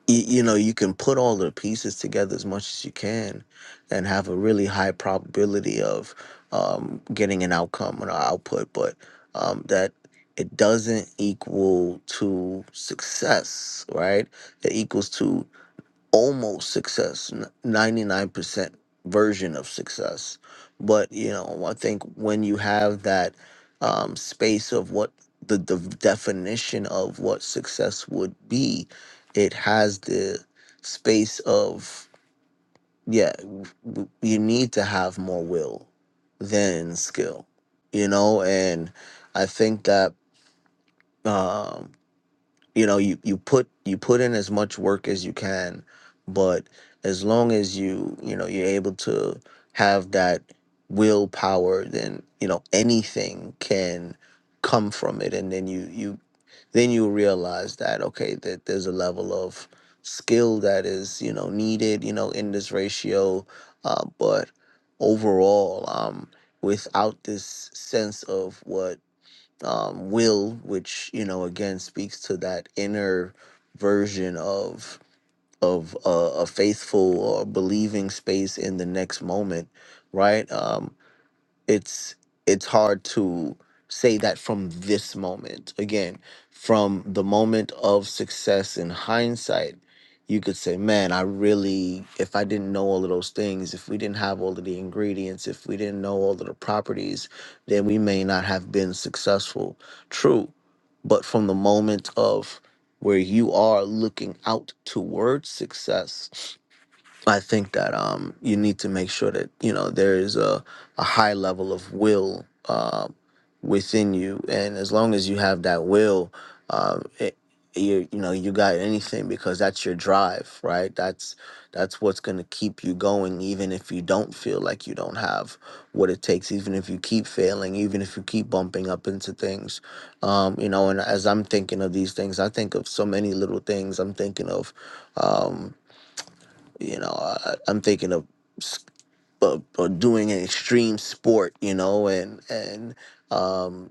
Speaker 5: you, you know you can put all the pieces together as much as you can and have a really high probability of um, getting an outcome and an output but um, that it doesn't equal to success right it equals to almost success, ninety nine percent version of success. But you know, I think when you have that um, space of what the, the definition of what success would be, it has the space of yeah, w- w- you need to have more will than skill, you know, and I think that. Um, you know you you put you put in as much work as you can but as long as you you know you're able to have that willpower then you know anything can come from it and then you you then you realize that okay that there's a level of skill that is you know needed you know in this ratio uh, but overall um without this sense of what um, will, which you know again speaks to that inner version of of uh, a faithful or believing space in the next moment, right? Um, it's it's hard to say that from this moment again from the moment of success in hindsight you could say man i really if i didn't know all of those things if we didn't have all of the ingredients if we didn't know all of the properties then we may not have been successful true but from the moment of where you are looking out towards success I think that um, you need to make sure that you know there is a, a high level of will uh, within you, and as long as you have that will, uh, it, you you know you got anything because that's your drive, right? That's that's what's going to keep you going, even if you don't feel like you don't have what it takes, even if you keep failing, even if you keep bumping up into things, um, you know. And as I'm thinking of these things, I think of so many little things. I'm thinking of. Um, you know I, i'm thinking of, s- of, of doing an extreme sport you know and and um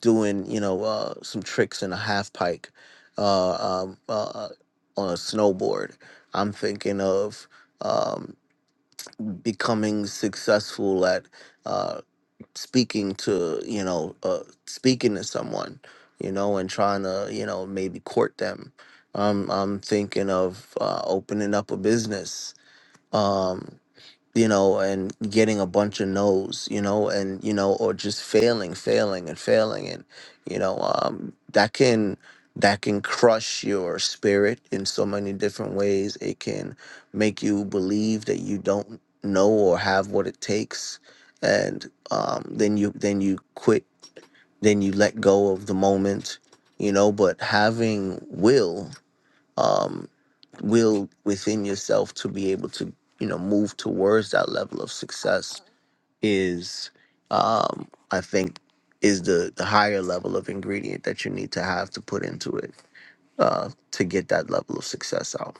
Speaker 5: doing you know uh some tricks in a half pike uh um uh uh, on a snowboard i'm thinking of um becoming successful at uh speaking to you know uh speaking to someone you know and trying to you know maybe court them um, I'm thinking of uh, opening up a business Um, you know, and getting a bunch of no's, you know, and you know, or just failing, failing, and failing, and you know, um, that can that can crush your spirit in so many different ways. It can make you believe that you don't know or have what it takes, and um, then you then you quit, then you let go of the moment, you know. But having will, um, will within yourself to be able to, you know, move towards that level of success is um i think is the the higher level of ingredient that you need to have to put into it uh to get that level of success out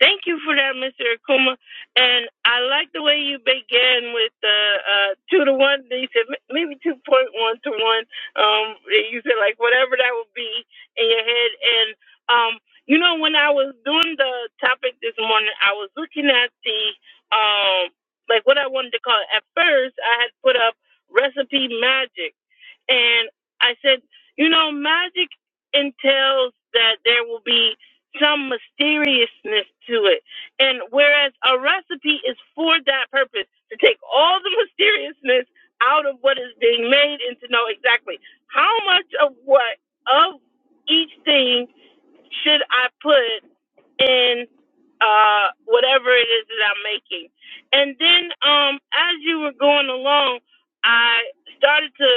Speaker 1: Thank you for that, Mr. Akuma. And I like the way you began with the uh, two to one. Then you said maybe two point one to one. Um, you said like whatever that would be in your head. And um, you know, when I was doing the topic this morning, I was looking at the um, like what I wanted to call it. At first, I had put up recipe magic and I said, you know, magic entails that there will be some mysteriousness to it. And whereas a recipe is for that purpose, to take all the mysteriousness out of what is being made and to know exactly how much of what of each thing should I put in uh whatever it is that I'm making. And then um as you were going along, I started to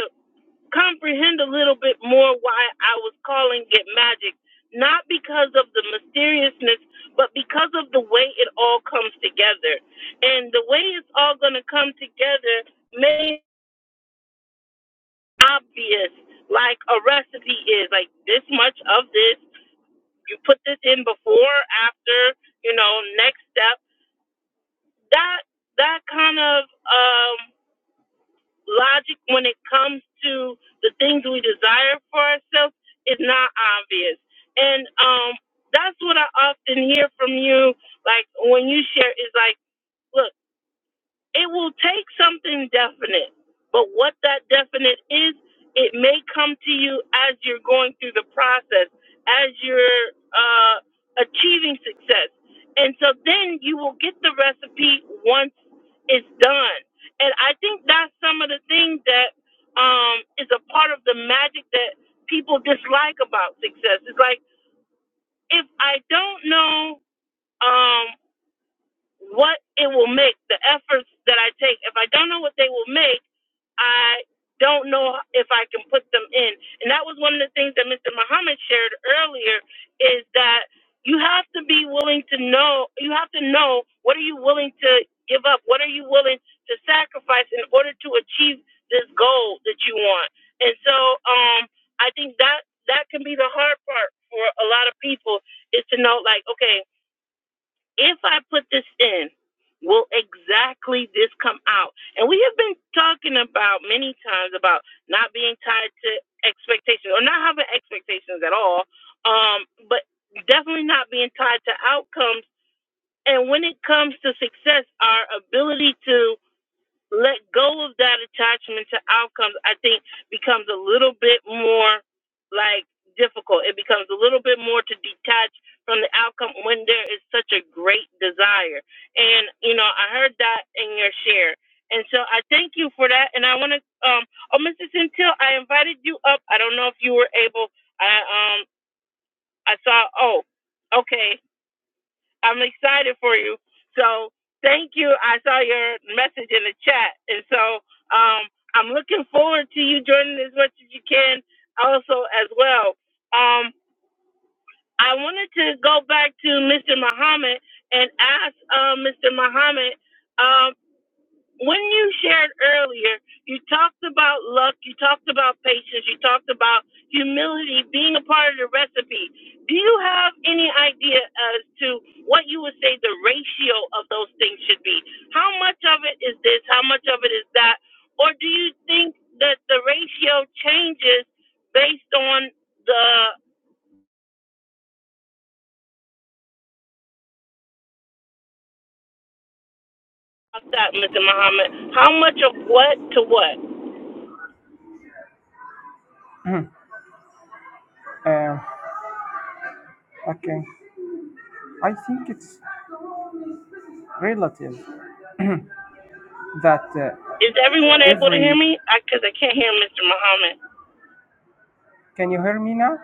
Speaker 1: comprehend a little bit more why I was calling it magic, not because of the mysteriousness, but because of the way it all comes together. And the way it's all going to come together may be obvious, like a recipe is, like this much of this. You put this in before, after, you know, next step. That that kind of um, logic when it comes to the things we desire for ourselves is not obvious. And um, that's what I often hear from you, like when you share, is like, look, it will take something definite, but what that definite is, it may come to you as you're going through the process, as you're uh, achieving success. And so then you will get the recipe once it's done. And I think that's some of the things that um, is a part of the magic that people dislike about success. It's like if I don't know um, what it will make, the efforts that I take, if I don't know what they will make, I don't know if I can put them in. And that was one of the things that Mr. Muhammad shared earlier is that you have to be willing to know, you have to know what are you willing to give up? What are you willing to sacrifice in order to achieve this goal that you want? And so um, I think that that can be the hard part for a lot of people is to know like, okay, if I put this in, will exactly this come out? And we have been talking about many times about not being tied to expectations or not having expectations at all, um, but definitely not being tied to outcomes. And when it comes to success, our ability to let go of that attachment to outcomes, I think becomes a little bit more like difficult. It becomes a little bit more to detach from the outcome when there is such a great desire. And, you know, I heard that in your share. And so I thank you for that. And I want to, um, oh, Mrs. Until I invited you up. I don't know if you were able, I, um, I saw, oh, okay. I'm excited for you. So thank you. I saw your message in the chat, and so um, I'm looking forward to you joining as much as you can, also as well. Um, I wanted to go back to Mr. Muhammad and ask uh, Mr. Muhammad. um, when you shared earlier, you talked about luck, you talked about patience, you talked about humility being a part of the recipe. Do you have any idea as to what you would say the ratio of those things should be? How much of it is this? How much of it is that? Or do you think that the ratio changes based on the Stop that, Mr. Muhammad? How much of what to what?
Speaker 2: Uh, okay. I think it's relative that uh,
Speaker 1: Is everyone able to hear
Speaker 2: every.
Speaker 1: me? Because I, 'cause I can't hear Mr. Muhammad.
Speaker 2: Can you hear me now?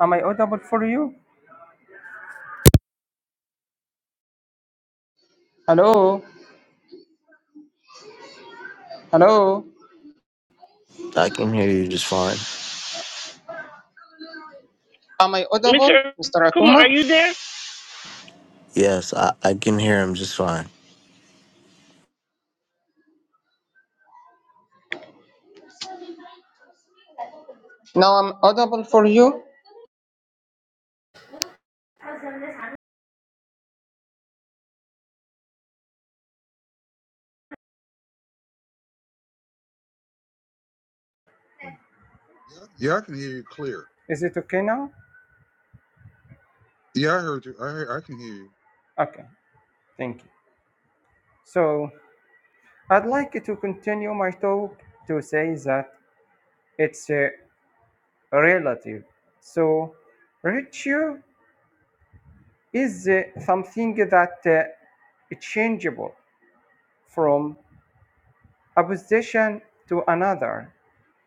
Speaker 2: Am I audible for you? Hello? Hello?
Speaker 5: i can hear you just fine
Speaker 2: Am I audible,
Speaker 1: Mr.
Speaker 2: Mr.
Speaker 1: Kuma, are
Speaker 2: Akuma?
Speaker 1: you there?
Speaker 5: yes i, I can hear him just fine
Speaker 2: Now I'm audible for you.
Speaker 4: Yeah, I can hear you clear.
Speaker 2: Is it okay now?
Speaker 4: Yeah, I heard you. I hear, I can hear you.
Speaker 2: Okay, thank you. So I'd like to continue my talk to say that it's uh, relative. So ratio is uh, something that uh, is changeable from a position to another.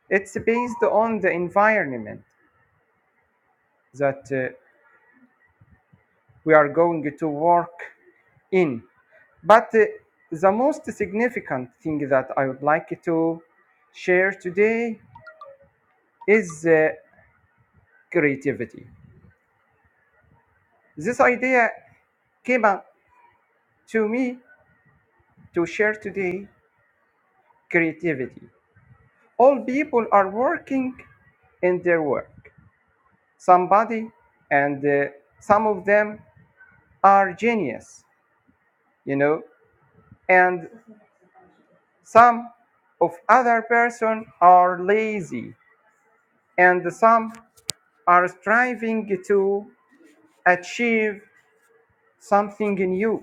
Speaker 2: It's based on the environment that uh, we are going to work in. But uh, the most significant thing that I would like to share today is uh, creativity. This idea came up to me to share today creativity. all people are working in their work somebody and uh, some of them are genius you know and some of other person are lazy and some are striving to achieve something new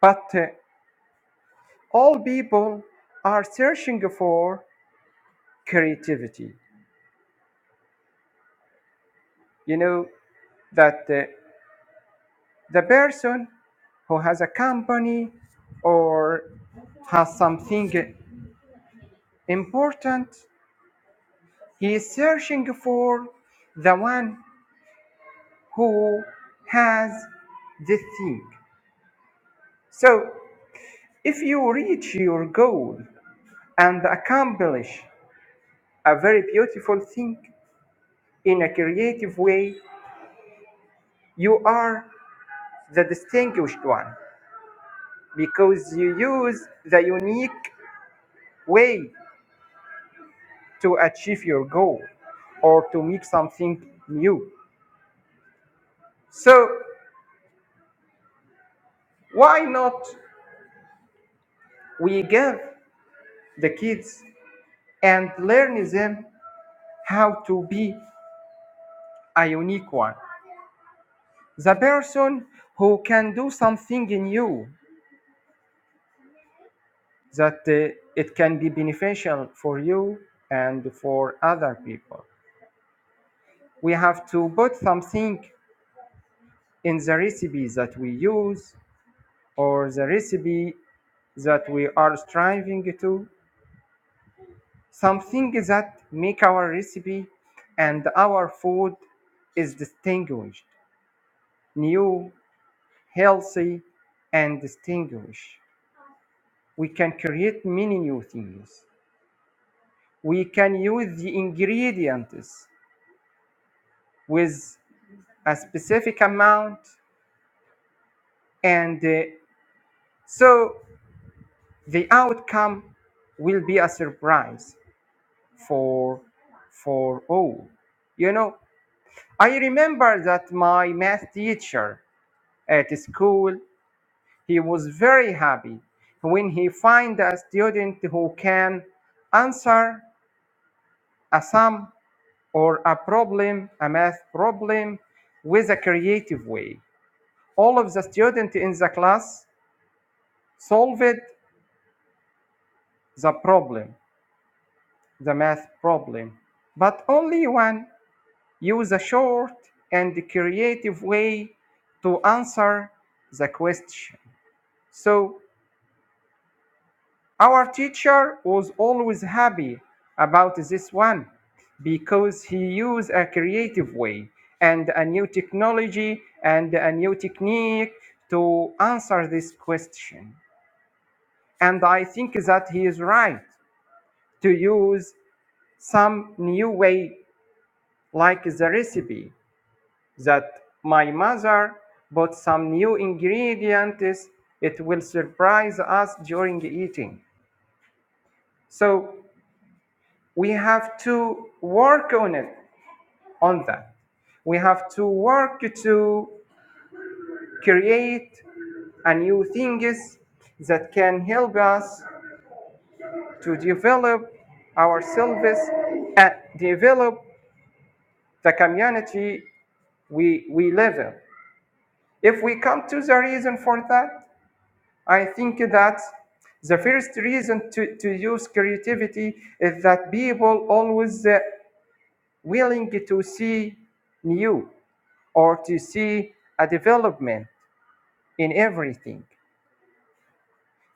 Speaker 2: but uh, all people are searching for creativity you know that uh, the person who has a company or has something important he is searching for the one who has this thing so if you reach your goal and accomplish a very beautiful thing in a creative way you are the distinguished one because you use the unique way to achieve your goal or to make something new. So why not we give the kids and learn them how to be a unique one, the person who can do something in you that uh, it can be beneficial for you and for other people. We have to put something in the recipe that we use or the recipe that we are striving to something that make our recipe and our food is distinguished new healthy and distinguished we can create many new things we can use the ingredients with a specific amount and uh, so the outcome will be a surprise for for all you know i remember that my math teacher At school, he was very happy when he find a student who can answer a sum or a problem, a math problem, with a creative way. All of the students in the class solved the problem, the math problem, but only one used a short and creative way to answer the question. So Our teacher was always happy about this one because he used a creative way and a new technology and a new technique to answer this question. And I think that he is right to use some new way, like the recipe that my mother bought some new ingredients. It will surprise us during eating. So we have to work on it on that we have to work to create a new things that can help us to develop ourselves and develop the community we we live in if we come to the reason for that i think that the first reason to, to use creativity is that people always uh, willing to see new or to see a development in everything.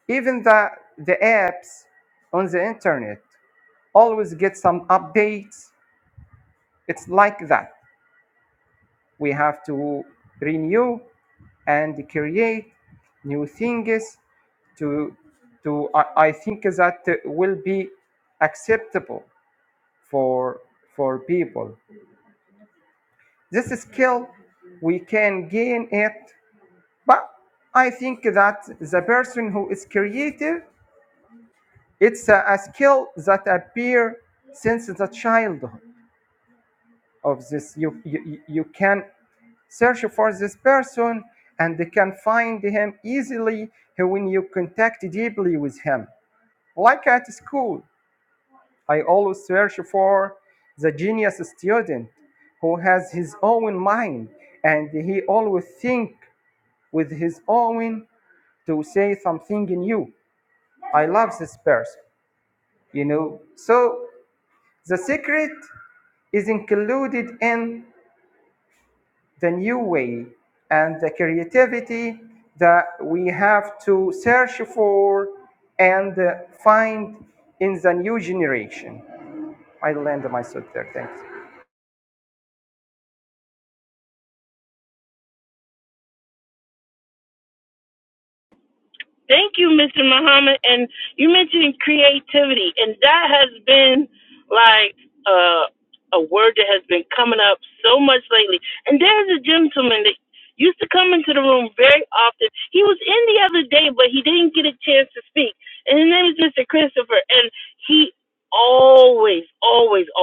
Speaker 2: Even the, the apps on the internet always get some updates. It's like that. We have to renew and create new things to, to I, I think that will be acceptable for, for people. This skill, we can gain it But I think that the person who is creative, it's a, a skill that appear since the childhood of this. You, you, you can search for this person and you can find him easily when you contact deeply with him. Like at school, I always search for the genius student who has his own mind and he always think with his own to say something new I love this person, you know. So the secret is included in the new way and the creativity that we have to search for and uh, find in the new generation. I land myself there. Thanks.
Speaker 1: Thank you, Mr. Muhammad. And you mentioned creativity, and that has been like uh, a word that has been coming up so much lately. And there's a gentleman that used to room very often. He was in the other day, get a chance to speak, and his name is Mr. Christopher, and he always,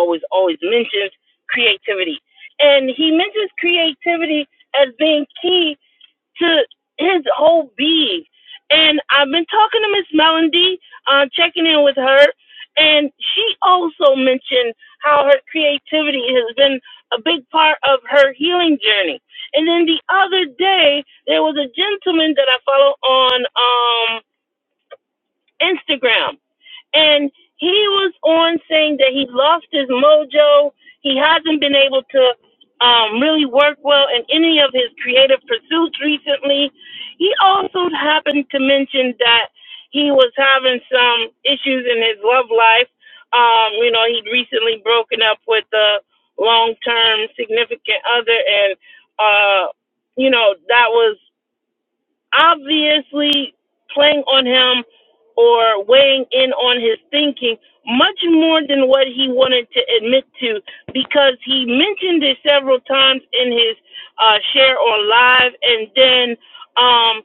Speaker 1: always, always mentions creativity. And he mentions creativity as being key to his whole being. And I've been talking to Miss Melody, uh, checking in with her, and she also mentioned how her creativity has been a big part of her healing journey. And then the other day, there was a gentleman that I follow on um, Instagram and he was on saying that he lost his mojo. He hasn't been able to um, really work well in any of his creative pursuits recently. He also happened to mention that he was having some issues in his love life. Um, you know, he'd recently broken up with a long term significant other, and, uh, you know, that was obviously playing on him or weighing in on his thinking much more than what he wanted to admit to because he mentioned it several times in his uh, share on live and then um,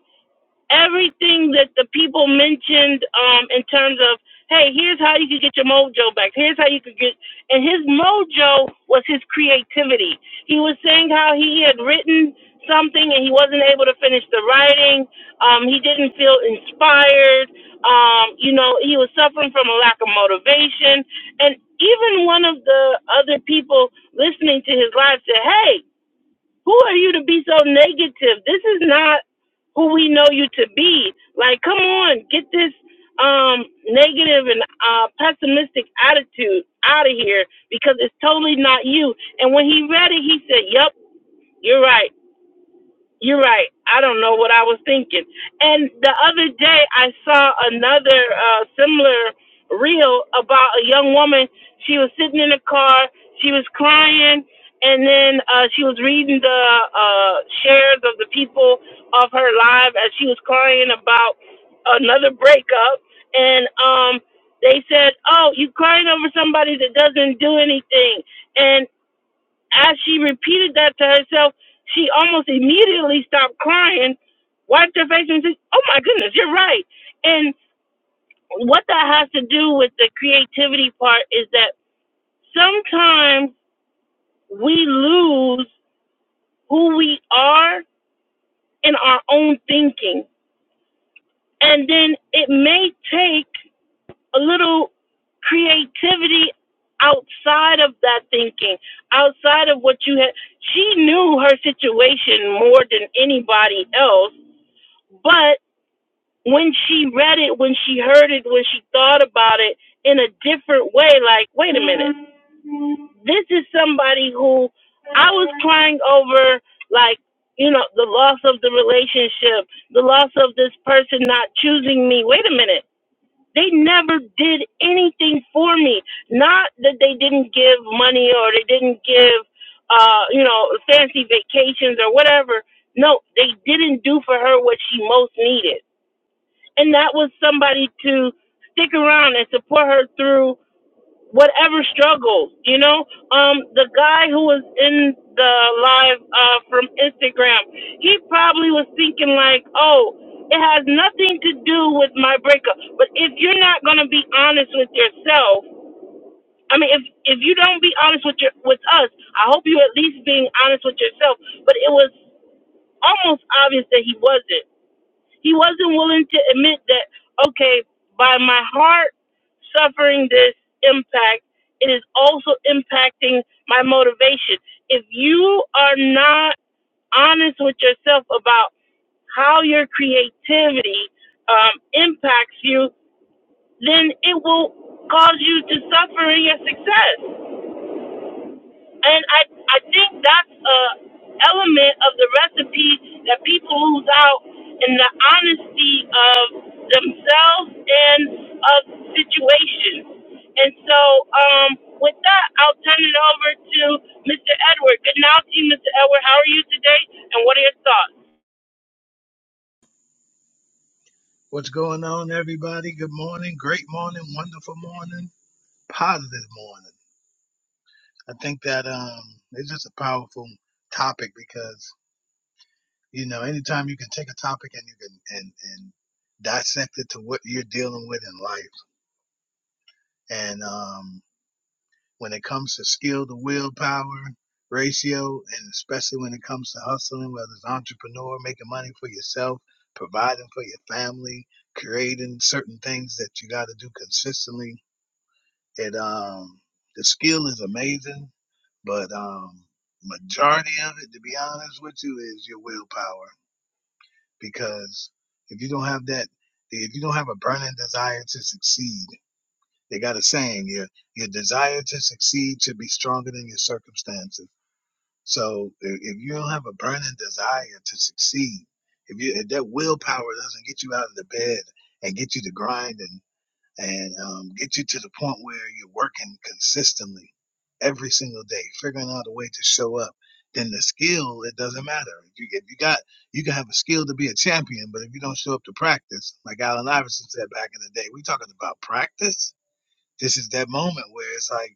Speaker 1: everything that the people mentioned um, in terms of, hey, here's how you could get your mojo back. Here's how you could get, and his mojo was his creativity. He was saying how he had written something and he wasn't able to finish the writing. Um, he didn't feel inspired. Um, you know, he was suffering from a lack of motivation. And even one of the other people listening to his live said, hey, who are you to be so negative? This is not who we know you to be. Like, come on, get this um negative and uh pessimistic attitude out of here because it's totally not you. And when he read it, he said, Yep, you're right. You're right. I don't know what I was thinking. And the other day, I saw another uh, similar reel about a young woman. She was sitting in a car. She was crying, and then uh, she was reading the uh, shares of the people of her life as she was crying about another breakup. And um, they said, "Oh, you crying over somebody that doesn't do anything." And as she repeated that to herself, she almost immediately stopped crying, wiped her face, and said, Oh my goodness, you're right. And what that has to do with the creativity part is that sometimes we lose who we are in our own thinking. And then it may take a little creativity outside of that thinking, outside of what you had. She knew her situation more than anybody else But when she read it, when she heard it, when she thought about it in a different way, like, wait a minute, this is somebody who I was crying over, like, you know, the loss of the relationship, the loss of this person not choosing me. Wait a minute. They never did anything for me. Not that they didn't give money or they didn't give, uh, you know, fancy vacations or whatever. No, they didn't do for her what she most needed and that was somebody to stick around and support her through whatever struggle you know um the guy who was in the live uh from instagram he probably was thinking like oh it has nothing to do with my breakup but if you're not going to be honest with yourself i mean if if you don't be honest with your with us i hope you at least being honest with yourself but it was almost obvious that he wasn't he wasn't willing to admit that, okay, by my heart suffering this impact, it is also impacting my motivation. If you are not honest with yourself about how your creativity um, impacts you, then it will cause you to suffer in your success. And I, I think that's a element of the recipe that people lose out in the honesty of themselves and of situations. And so, um, with that, I'll turn it over to Mr. Edward. Good now, to you, Mr. Edward. How are you today? And what are your thoughts?
Speaker 6: What's going on, everybody? Good morning, great morning, wonderful morning, positive morning. I think that um, it's just a powerful topic because you know, anytime you can take a topic and you can and and dissect it to what you're dealing with in life, and um, when it comes to skill to willpower ratio, and especially when it comes to hustling, whether it's entrepreneur, making money for yourself, providing for your family, creating certain things that you got to do consistently And um, the skill is amazing, but um, majority of it, to be honest with you, is your willpower. Because if you don't have that, if you don't have a burning desire to succeed, they got a saying: your your desire to succeed should be stronger than your circumstances. So if, if you don't have a burning desire to succeed, if you if that willpower doesn't get you out of the bed and get you to grind and and um, get you to the point where you're working consistently every single day, figuring out a way to show up. Then the skill, it doesn't matter. If you, if you got, you can have a skill to be a champion, but if you don't show up to practice, like Allen Iverson said back in the day, we talking about practice. This is that moment where it's like,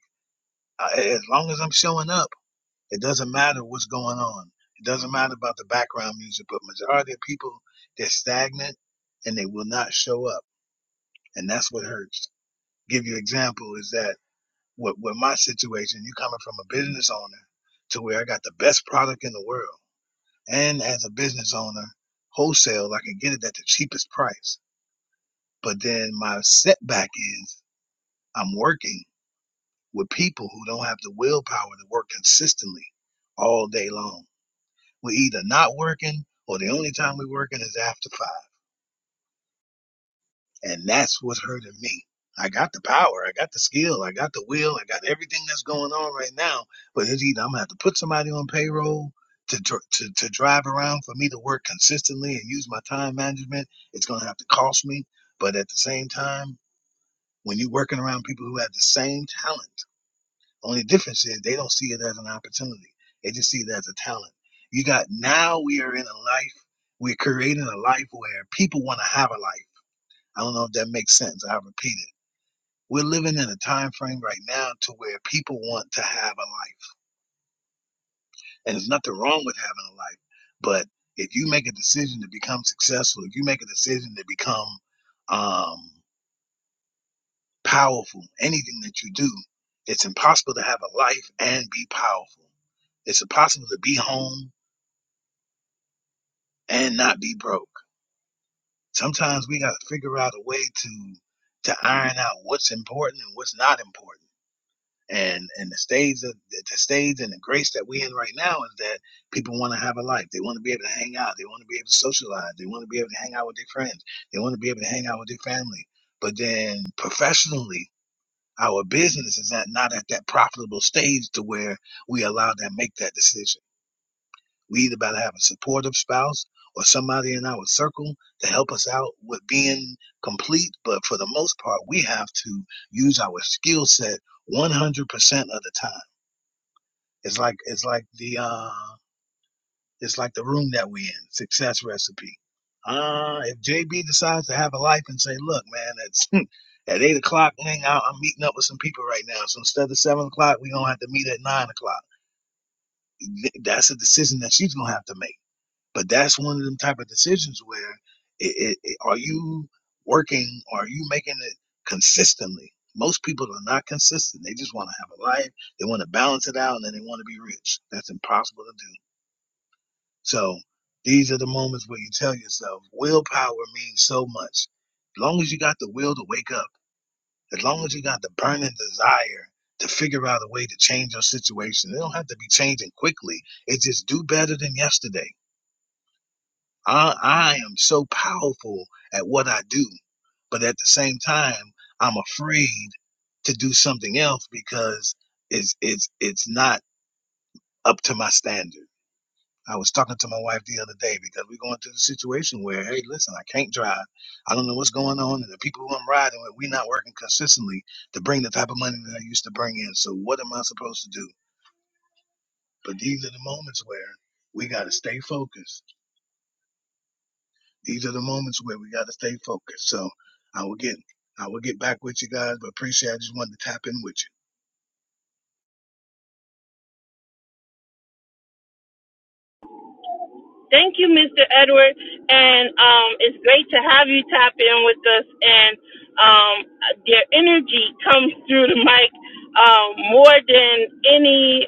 Speaker 6: I- as long as I'm showing up, it doesn't matter what's going on. It doesn't matter about the background music, but majority of people, they're stagnant and they will not show up. And that's what hurts give you an example is that with, with my situation, you coming from a business owner to where I got the best product in the world. And as a business owner, wholesale, I can get it at the cheapest price. But then my setback is I'm working with people who don't have the willpower to work consistently all day long. We're either not working or the only time we're working is after five. And that's what's hurting me. I got the power, I got the skill, I got the will, I got everything that's going on right now. But it's either I'm gonna have to put somebody on payroll to dr- to to drive around for me to work consistently and use my time management. It's gonna have to cost me. But at the same time, when you're working around people who have the same talent, only difference is they don't see it as an opportunity. They just see it as a talent. You got now we are in a life, we're creating a life where people want to have a life. I don't know if that makes sense. i repeat it we're living in a time frame right now to where people want to have a life. And there's nothing wrong with having a life. But if you make a decision to become successful, if you make a decision to become um, powerful, anything that you do, it's impossible to have a life and be powerful. It's impossible to be home and not be broke. Sometimes we got to figure out a way to to iron out what's important and what's not important and and the stage of, the stage and the grace that we're in right now is that people want to have a life they want to be able to hang out they want to be able to socialize they want to be able to hang out with their friends they want to be able to hang out with their family but then professionally our business is at, not at that profitable stage to where we allow them to make that decision we either better have a supportive spouse or somebody in our circle to help us out with being complete but for the most part we have to use our skill set 100% of the time it's like it's like the uh it's like the room that we in, success recipe. Uh if JB decides to have a life and say, look, man, it's at eight o'clock, man, I- I'm meeting up with some people right now. So instead of seven o'clock, we're gonna have to meet at nine o'clock. Th- That's a decision that she's gonna have to make. But that's one of them type of decisions where it, it, it- are you working? Are you making it consistently? Most people are not consistent. They just want to have a life. They want to balance it out, and then they want to be rich. That's impossible to do. So these are the moments where you tell yourself, willpower means so much. As long as you got the will to wake up, as long as you got the burning desire to figure out a way to change your situation, it don't have to be changing quickly. It's just do better than yesterday. I, I am so powerful at what I do, but at the same time, I'm afraid to do something else because it's it's it's not up to my standard. I was talking to my wife the other day because we're going through the situation where, hey, listen, I can't drive. I don't know what's going on, and the people who I'm riding with, we're not working consistently to bring the type of money that I used to bring in. So what am I supposed to do? But these are the moments where we got to stay focused. These are the moments where we got to stay focused. So I will get, I will get back with you guys, but appreciate. I just wanted to tap in with you.
Speaker 1: Thank you, Mr. Edward. And um, it's great to have you tap in with us. And um, their energy comes through the mic um, more than any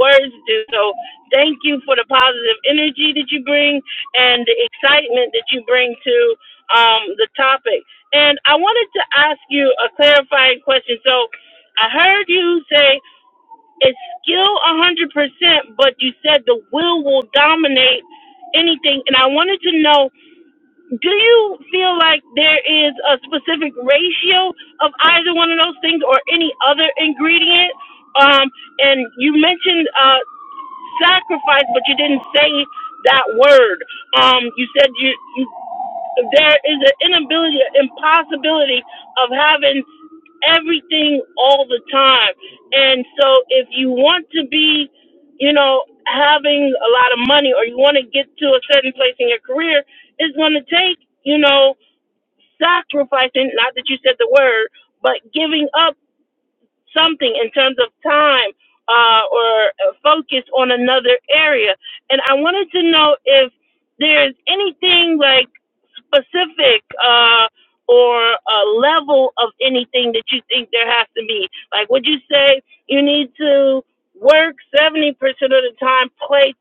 Speaker 1: words do. So thank you for the positive energy that you bring and the excitement that you bring to um, the topic. And I wanted to ask you a clarifying question. So I heard you say it's skill a hundred percent, but you said the will will dominate anything. And I wanted to know, do you feel like there is a specific ratio of either one of those things or any other ingredient? Um, and you mentioned uh, sacrifice, but you didn't say that word. Um, you said you, you there is an inability, impossibility of having everything all the time. And so if you want to be, you know, having a lot of money or you want to get to a certain place in your career, it's going to take, you know, sacrificing, not that you said the word, but giving up something in terms of time uh, or uh, focus on another area. And I wanted to know if there's anything like, specific uh, or a level of anything that you think there has to be. Like, would you say you need to work 70% of the time, play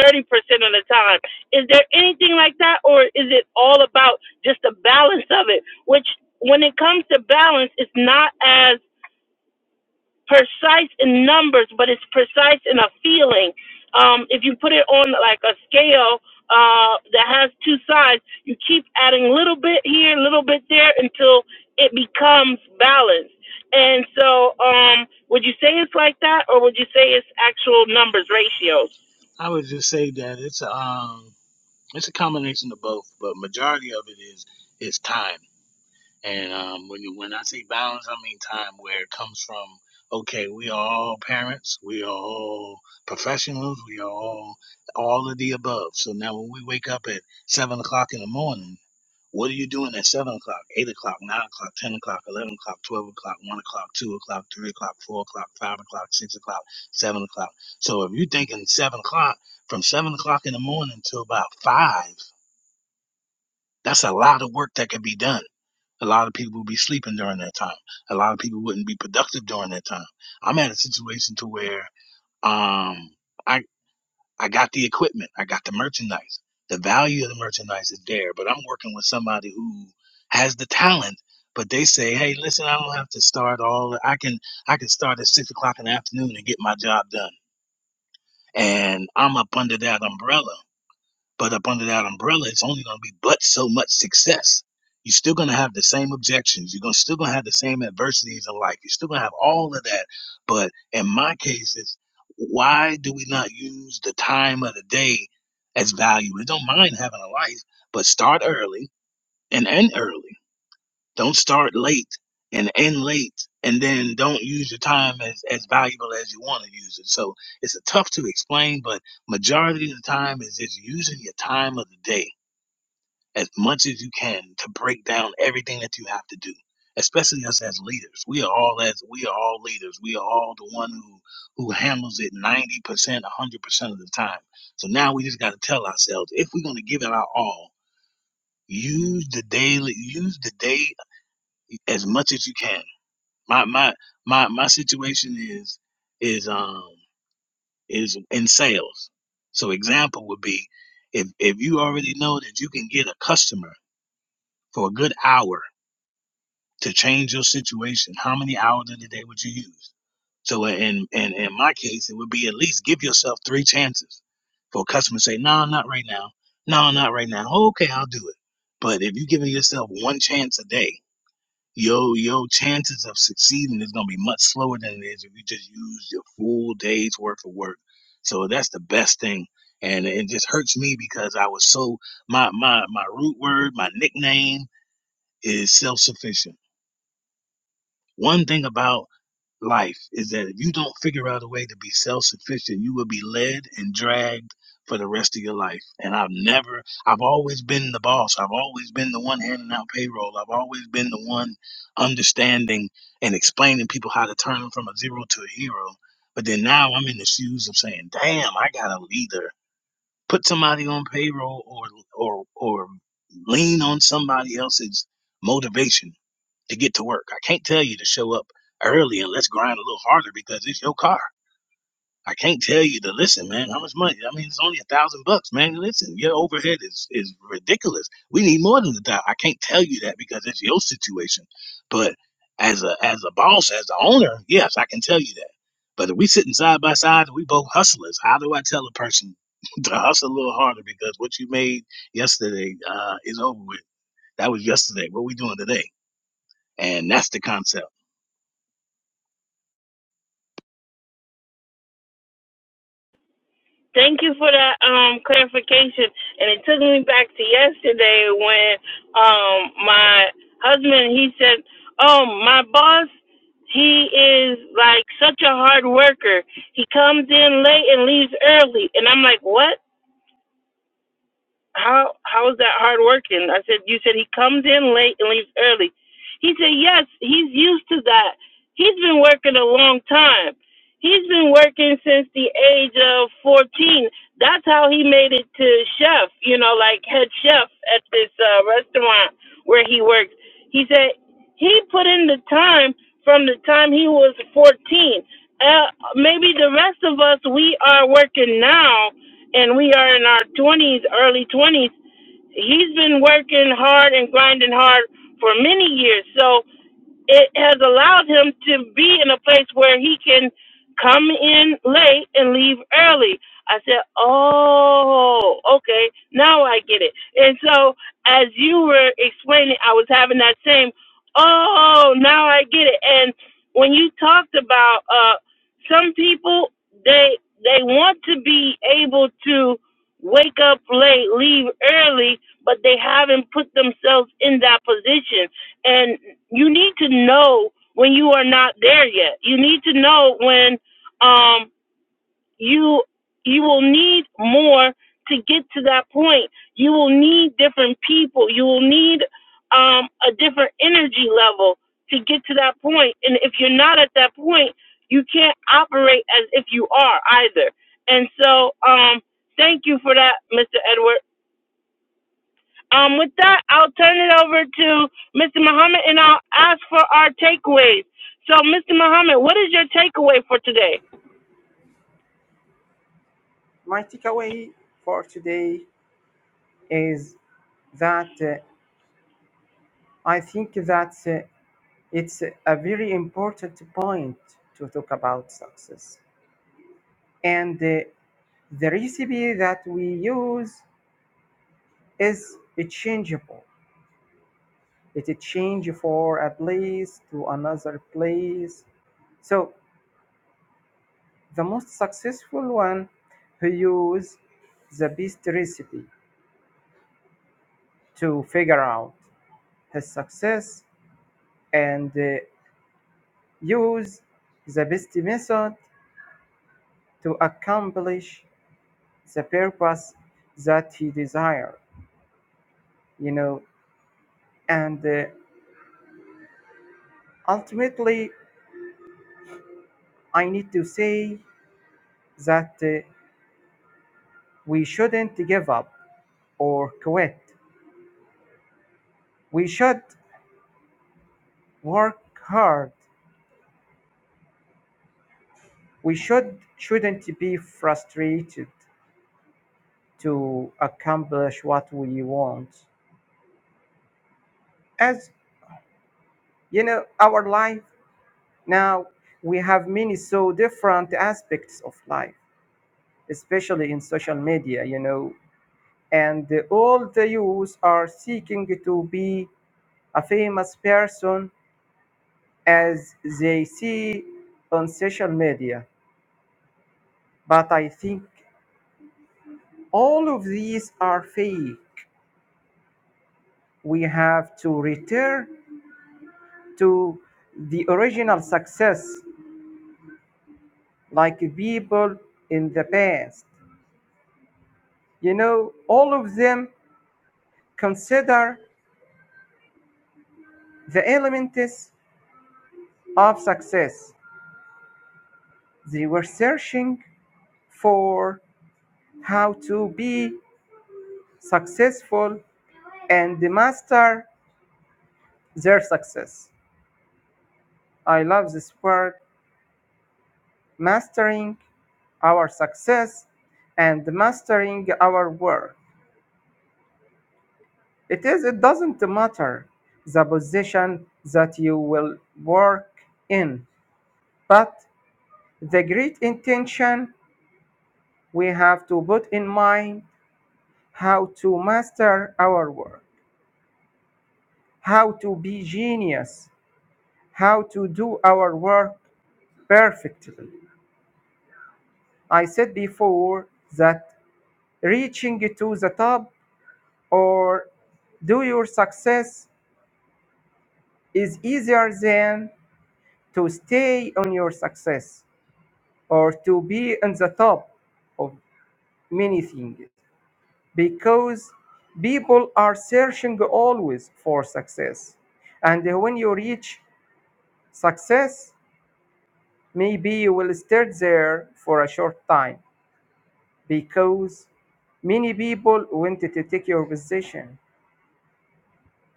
Speaker 1: 30% of the time? Is there anything like that, or is it all about just the balance of it? Which, when it comes to balance, it's not as precise in numbers, but it's precise in a feeling. Um, if you put it on like a scale uh, that has two sides, you keep adding a little bit here, a little bit there until it becomes balanced. And so, um, would you say it's like that, or say it's number numbers?
Speaker 6: I would just say that it's a um, it's a combination of both, but majority of it is is time. And um, when you, when I say balance, I mean time where it comes from. Okay, we are all parents, we are all professionals, we are all all of the above. So now, when we wake up at seven o'clock in the morning, what are you doing at seven o'clock, eight o'clock, nine o'clock, ten o'clock, eleven o'clock, twelve o'clock, one o'clock, two o'clock, three o'clock, four o'clock, five o'clock, six o'clock, seven o'clock? So if you're thinking seven o'clock, from seven o'clock in the morning till about five, that's a lot of work that could be done a lot of people would be sleeping during that time. A lot of people wouldn't be productive during that time. I'm at a situation to where um I I got the equipment, I got the merchandise. The value of the merchandise is there, but I'm working with somebody who has the talent, but they say, Hey, listen, I don't have to start all I can I can start at six o'clock in the afternoon and get my job done. And I'm up under that umbrella but up under that umbrella, it's only going to be but so much success. You're still going to have the same objections. You're gonna, still going to have the same adversities in life. You're still going to have all of that. But in my case, it's why do we not use the time of the day as value? We don't mind having a life, but start early and end early. Don't start late and end late, and then don't use your time as, as valuable as you want to use it. So it's a tough to explain, but majority of the time is just using your time of the day as much as you can to break down everything that you have to do. Especially us as leaders, we are all as we are all leaders. We are all the one who who handles it ninety percent, one hundred percent of the time. So now we just got to tell ourselves if we're going to give it our all, use the daily, use the day as much as you can my my my my situation is is um is in sales. So example would be if if you already know that you can get a customer for a good hour to change your situation, how many hours in the day would you use? So in in in my case, it would be at least give yourself three chances for a customer to say, "No, not right now. No, not right now. "Oh, okay, I'll do it." But if you're giving yourself one chance a day yo yo chances of succeeding is going to be much slower than it is if you just use your full day's worth of work so that's the best thing and it just hurts me because i was so my my my root word my nickname is self-sufficient one thing about life is that if you don't figure out a way to be self sufficient, you will be led and dragged for the rest of your life. And I've never, I've always been the boss. I've always been the one handing out payroll. I've always been the one understanding and explaining people how to turn them from a zero to a hero. But then now I'm in the shoes of saying, damn, I got to either put somebody on payroll or, or, or lean on somebody else's motivation to get to work. I can't tell you to show up early and let's grind a little harder because it's your car. I can't tell you to listen, man. How much money? I mean, it's only a thousand bucks, man. Listen, your overhead is is ridiculous. We need more than a thousand. I can't tell you that because it's your situation. But as a as a boss, as the owner, yes, I can tell you that. But if we sitting side by side and we both hustlers, how do I tell a person to hustle a little harder because what you made yesterday uh, is over with? That was yesterday. What we doing today? And that's the concept.
Speaker 1: Thank you for that um, clarification. And it took me back to yesterday when um, my husband he said, "Oh, my boss, he is like such a hard worker. He comes in late and leaves early." And I'm like, "What?" how how is that hard working? I said, you said he comes in late and leaves early. He said, yes, he's used to that. He's been working a long time. He's been working since the age of 14. That's how he made it to chef, you know, like head chef at this uh, restaurant where he works. He said he put in the time from the time he was 14. Uh, maybe the rest of us, we are working now and we are in our 20s, early 20s, he's been working hard and grinding hard for many years. So it has allowed him to be in a place where he can come in late and leave early. I said, Oh, okay, now I get it. And so as you were explaining, I was having that same, Oh, now I get it. And when you talked about uh some people they they want to be able to wake up late, leave early, but they haven't put themselves in that position you need to know when you are not there yet. You need to know when um, you you will need more to get to that point. You will need different people. You will need um, a different energy level to get to that point. And if you're not at that point, you can't operate as if you are either. And so, um, thank you for that, Mr. Edward. Um, with that, I'll turn it over to Mr. Muhammad and I'll ask for our takeaways. So, Mr. Muhammad, what is your takeaway for today?
Speaker 2: My takeaway for today is that uh, I think that uh, it's a very important point to talk about success. And uh, The recipe that we use is changeable. It change for a place to another place. So the most successful one who use the best recipe to figure out his success and uh, use the best method to accomplish the purpose that he desire you know and uh, ultimately i need to say that uh, we shouldn't give up or quit. We should work hard. We should shouldn't be frustrated to accomplish what we want. As you know, our life now we have many so different aspects of life, especially in social media. You know, and uh, all the youth are seeking to be a famous person as they see on social media But I think all of these are fake. We have to return to the original success, like people in the past. You know, all of them consider the elements of success. They were searching for how to be successful and master their success. I love this word mastering our success and mastering our work. It is it doesn't matter the position that you will work in, but the great intention we have to put in mind how to master our work, how to be genius, how to do our work perfectly. I said before that reaching to the top or do your success is easier than to stay on your success or to be on the top of many things because people are searching always for success and when you reach success maybe you will stay there for a short time because many people wanted to take your position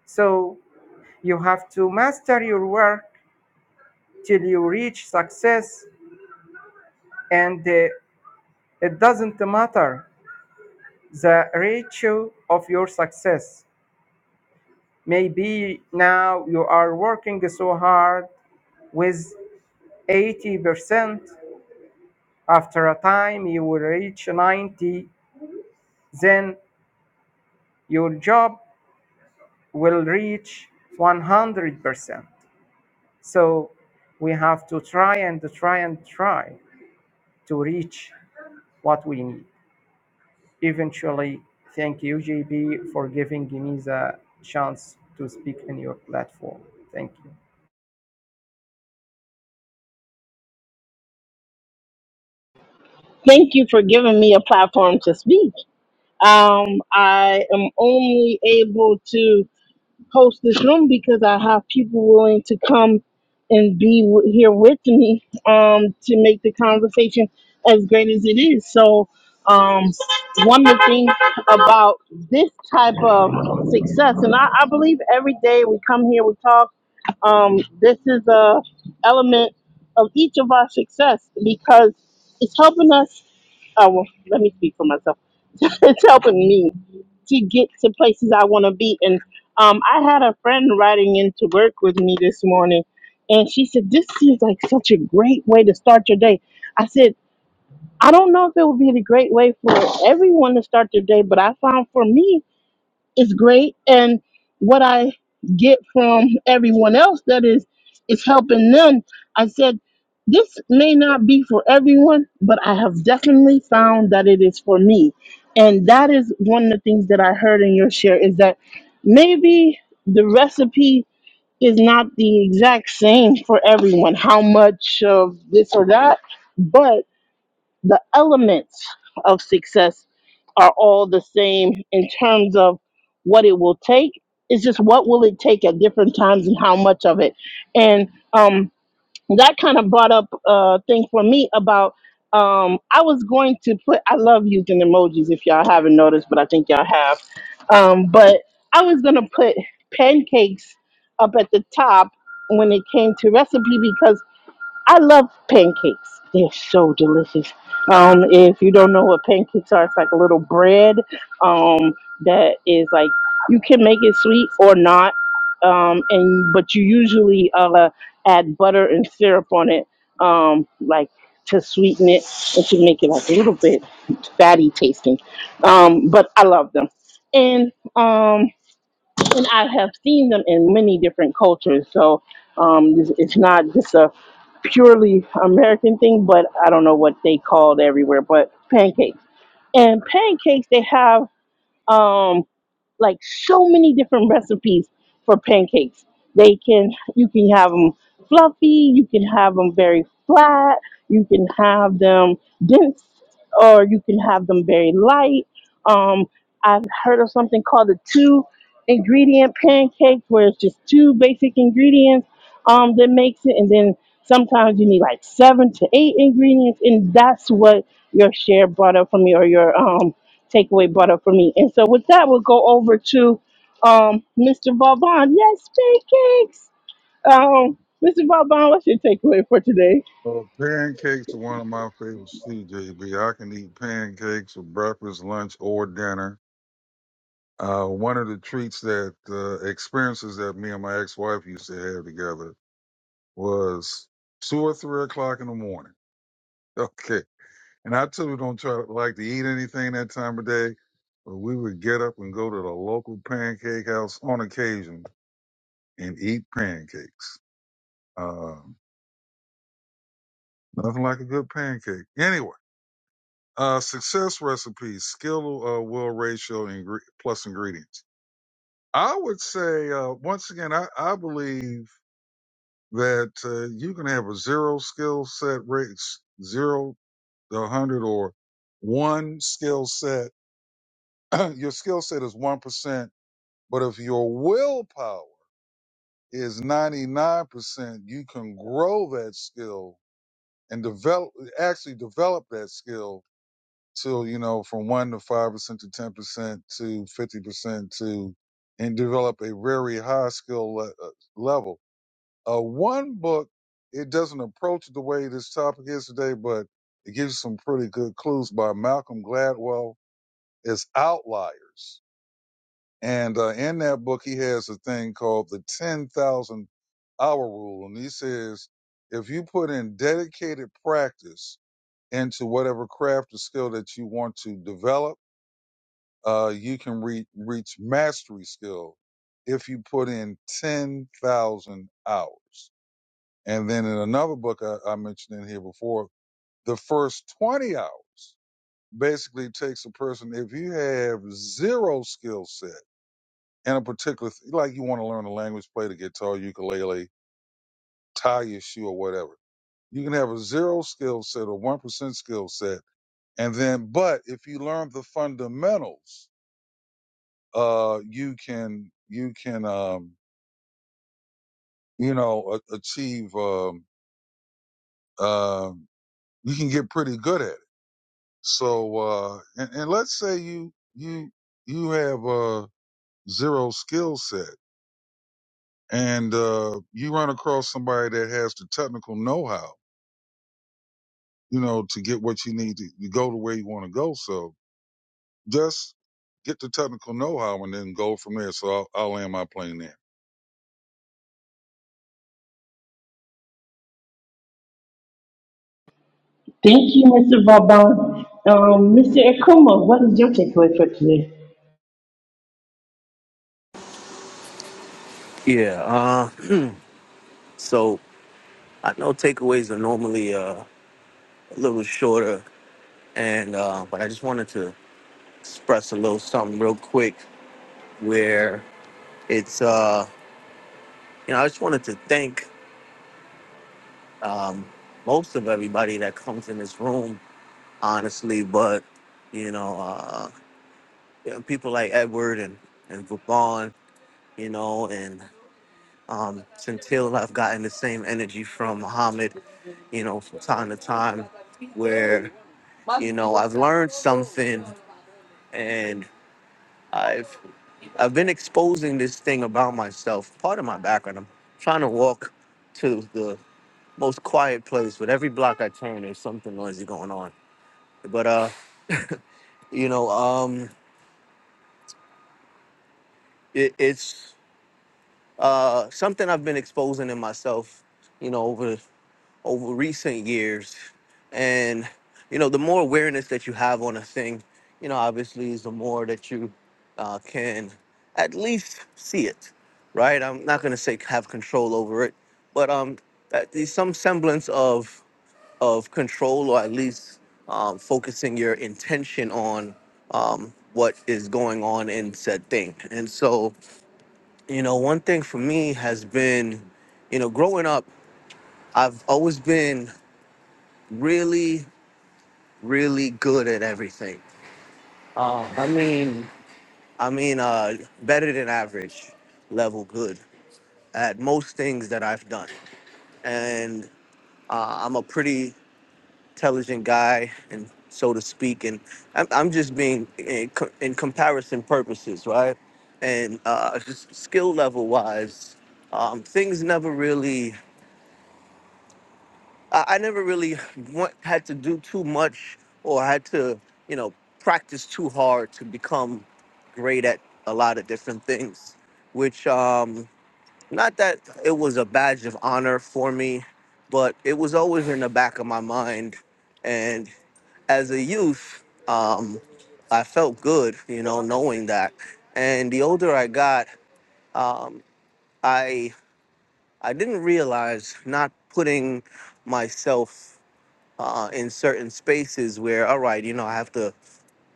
Speaker 2: so you have to master your work till you reach success and uh, It doesn't matter the ratio of your success. Maybe now you are working so hard with 80%. After a time, you will reach 90. Then your job will reach 100%. So we have to try and try and try to reach what we need. Eventually, thank you, JB, for giving me the chance to speak in your platform. Thank you.
Speaker 1: Thank you for giving me a platform to speak. Um, I am only able to. host this room because I have people willing to come and be w- here with me um, to make the conversation as great as it is. So, um, one of the things about this type of success, and I, I believe every day we come here, we talk. Um, this is a element of each of our success because it's helping us. Oh, well, let me speak for myself. it's helping me to get to places I want to be. And um, I had a friend riding into work with me this morning, and she said, This seems like such a great way to start your day. I said, I don't know if it would be the great way for everyone to start their day, but I found for me, it's great and what i get from everyone else that is is helping them i said this may not be for everyone but i have definitely found that it is for me and that is one of the things that i heard in your share is that maybe the recipe is not the exact same for everyone how much of this or that but the elements of success are all the same in terms of what it will take. It's just what will it take at different times and how much of it. And um, that kind of brought up a thing for me about um, I was going to put I love using emojis if y'all haven't noticed, but I think y'all have. Um, but I was gonna put pancakes up at the top when it came to recipe because I love pancakes. They're so delicious. Um, if you don't know what pancakes are, it's like a little bread um, that is like you can make it sweet or not, um, and but you usually uh, add butter and syrup on it, um, like to sweeten it and to make it like a little bit fatty tasting. Um, but I love them, and um, and I have seen them in many different cultures. So um, it's it's not just a purely American thing, but I don't know what they called everywhere, but pancakes. And pancakes, they have um, like so many different recipes for pancakes. They can you can have them fluffy, you can have them very flat, you can have them dense, or you can have them very light. Um, I've heard of something called a two ingredient pancakes where it's just two basic ingredients um, that makes it. And then sometimes you need like seven to eight ingredients. And that's what your share brought up for me or your um, takeaway brought up for me. And so with that, we'll go over to um, Mr. Vaughn. Yes, pancakes. Um, Mr. Vaughn, what's your takeaway for today?
Speaker 4: Well, pancakes are one of my favorites, CJB. I can eat pancakes for breakfast, lunch, or dinner. Uh, one of the treats that uh, experiences that me and my ex-wife used to have together was two or three o'clock in the morning. Okay, And I too don't try to like to eat anything that time of day, but we would get up and go to the local pancake house on occasion and eat pancakes. Uh, nothing like a good pancake. Anyway, uh, success recipes, skill, uh, will ratio ingre- plus ingredients. I would say, uh, once again, I, I believe that, uh, you can have a zero skill set rates, zero to one hundred or one skill set. Your skill set is 1% But if your willpower is 99%, you can grow that skill and develop, actually develop that skill till, you know, from one to 5% to 10% to 50% to, and develop a very high skill le- uh, level. Uh, one book, it doesn't approach it the way this topic is today, but it gives you some pretty good clues by Malcolm Gladwell is Outliers And uh, in that book, he has a thing called the 10,000 hour rule. And he says, if you put in dedicated practice into whatever craft or skill that you want to develop, uh, you can re- reach mastery skill if you put in 10,000 hours. And then in another book I, I mentioned in here before, the first 20 hours basically takes a person, if you have zero skill set, in a particular like you want to learn a language, play the guitar, ukulele, tie your shoe or whatever. You can have a zero skill set or one percent skill set, and then but if you learn the fundamentals, uh, you can you can um you know a- achieve um uh, you can get pretty good at it. So uh, and, and let's say you you you have a zero skill set and uh, you run across somebody that has the technical know how you know, to get what you need to, to go to where you want to go. So just get the technical know-how and then go from there. So I'll, I'll land my plane there.
Speaker 1: Thank you, Mr. Vauban. Um, Mr. Akuma, what is your takeaway for today?
Speaker 5: yeah uh so i know takeaways are normally uh, a little shorter and uh but i just wanted to express a little something real quick where it's uh you know i just wanted to thank um most of everybody that comes in this room honestly. But you know, uh, you know, people like Edward and and Vaughn, you know, and um, Centil, I've gotten the same energy from Muhammad, you know, from time to time, where you know I've learned something and I've I've been exposing this thing about myself, part of my background. I'm trying to walk to the most quiet place, but every block I turn, there's something noisy going on. But uh, you know, um, it, it's uh, something I've been exposing in myself, you know, over over recent years, and you know, the more awareness that you have on a thing, you know, obviously, is the more that you uh, can at least see it, right? I'm not gonna say have control over it, but um, at least some semblance of of control, or at least um, focusing your intention on um, what is going on in said thing, and so you know, one thing for me has been, you know, growing up, I've always been really, really good at everything. Uh, I mean, I mean, uh, better than average level good at most things that I've done. And uh, I'm a pretty intelligent guy, and so to speak. And I'm, I'm just being in, co- in comparison purposes, right? And uh, just skill level wise, um, things never really I, I never really want, had to do too much or had to, you know, practice too hard to become great at a lot of different things, which, um, not that it was a badge of honor for me, but it was always in the back of my mind. And as a youth, um, I felt good, you know, knowing that. And the older I got, um, I I didn't realize not putting myself uh, in certain spaces where, all right, you know, I have to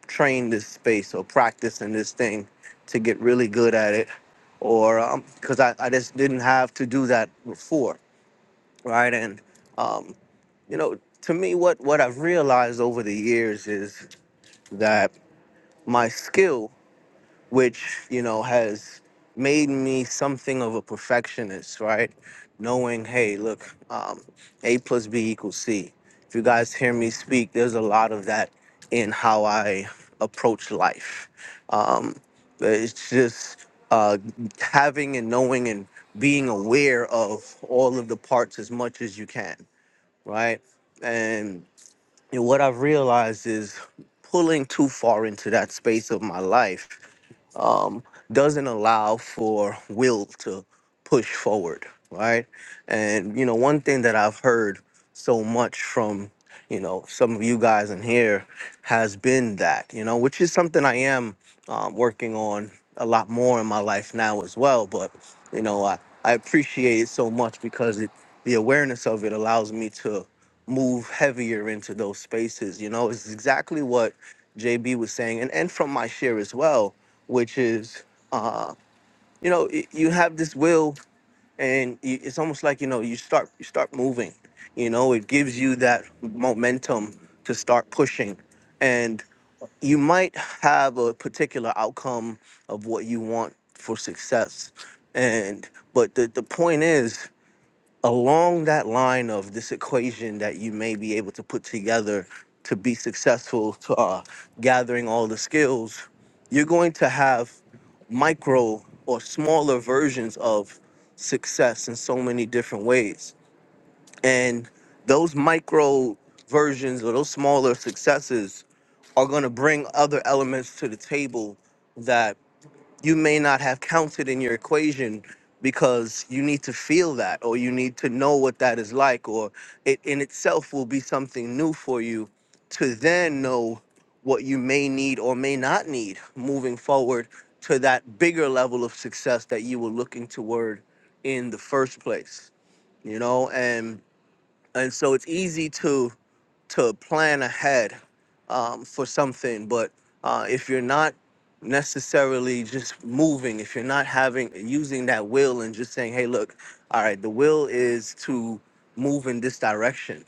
Speaker 5: train this space or practice in this thing to get really good at it, or because I, I just didn't have to do that before, right? And um, you know, to me, what what I've realized over the years is that my skill which you know has made me something of a perfectionist right knowing hey look um, a plus b equals c if you guys hear me speak there's a lot of that in how i approach life um, it's just uh, having and knowing and being aware of all of the parts as much as you can right and, and what i've realized is pulling too far into that space of my life um, doesn't allow for will to push forward, right? And you know, one thing that I've heard so much from you know some of you guys in here has been that you know, which is something I am um, working on a lot more in my life now as well. But you know, I I appreciate it so much because it the awareness of it allows me to move heavier into those spaces. You know, it's exactly what JB was saying, and and from my share as well which is uh you know y- you have this will and y- it's almost like you know you start you start moving you know it gives you that momentum to start pushing and you might have a particular outcome of what you want for success and but the, the point is along that line of this equation that you may be able to put together to be successful to uh, gathering all the skills you're going to have micro or smaller versions of success in so many different ways and those micro versions or those smaller successes are going to bring other elements to the table that you may not have counted in your equation because you need to feel that or you need to know what that is like or it in itself will be something new for you to then know what you may need or may not need moving forward to that bigger level of success that you were looking toward in the first place you know and and so it's easy to to plan ahead um, for something. But uh, if you're not necessarily just moving, if you're not having using that will and just saying, "Hey, look, all right, the will is to move in this direction.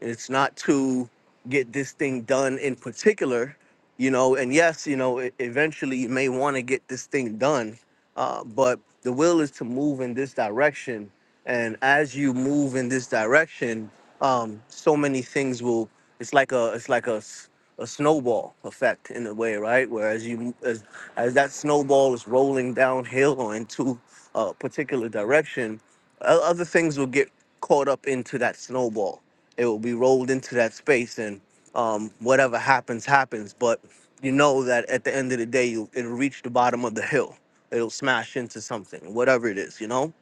Speaker 5: It's not to get this thing done in particular." You know, and yes, you know, e- eventually you may want to get this thing done, uh, but the will is to move in this direction. And as you move in this direction, um, so many things will. It's like a it's like a, s- a snowball effect in a way, right? Where as you as as that snowball is rolling downhill or into a particular direction, o- other things will get caught up into that snowball. It will be rolled into that space, and um, whatever happens, happens. But you know that at the end of the day, you, it'll reach the bottom of the hill it'll smash into something, whatever it is, you know.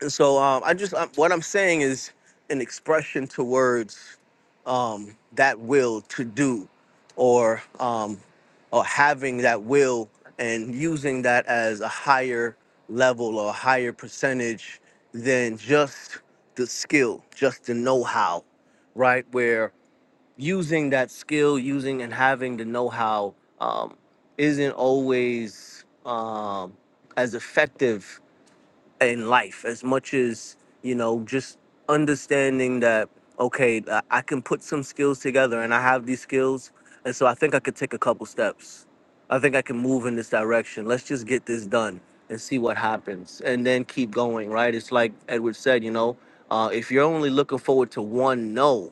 Speaker 5: And so um, I just um what I'm saying is an expression towards um, that will to do, or um, or having that will and using that as a higher level or a higher percentage than just the skill, just the know-how, right? Where using that skill, using and having the know-how um, isn't always um, as effective in life as much as you know just understanding that okay I I can put some skills together and I have these skills and so I think I could take a couple steps. I think I can move in this direction. Let's just get this done and see what happens and then keep going, right? It's like Edward said, you know, uh, if you're only looking forward to one no,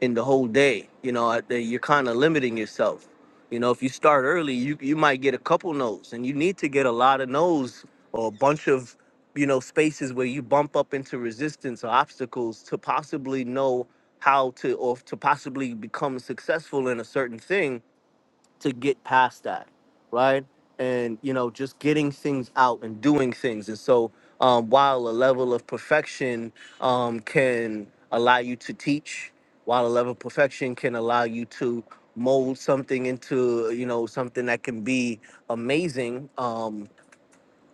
Speaker 5: in the whole day. You know, I- that you're kind of limiting yourself. You know, if you start early, you you might get a couple no's, and you need to get a lot of no's or a bunch of you know spaces where you bump up into resistance or obstacles to possibly know how to or to possibly become successful in a certain thing to get past that, right? And you know, just getting things out and doing things. And so, um, while a level of perfection um, can allow you to teach, while a level of perfection can allow you to mold something into you know something that can be amazing, um,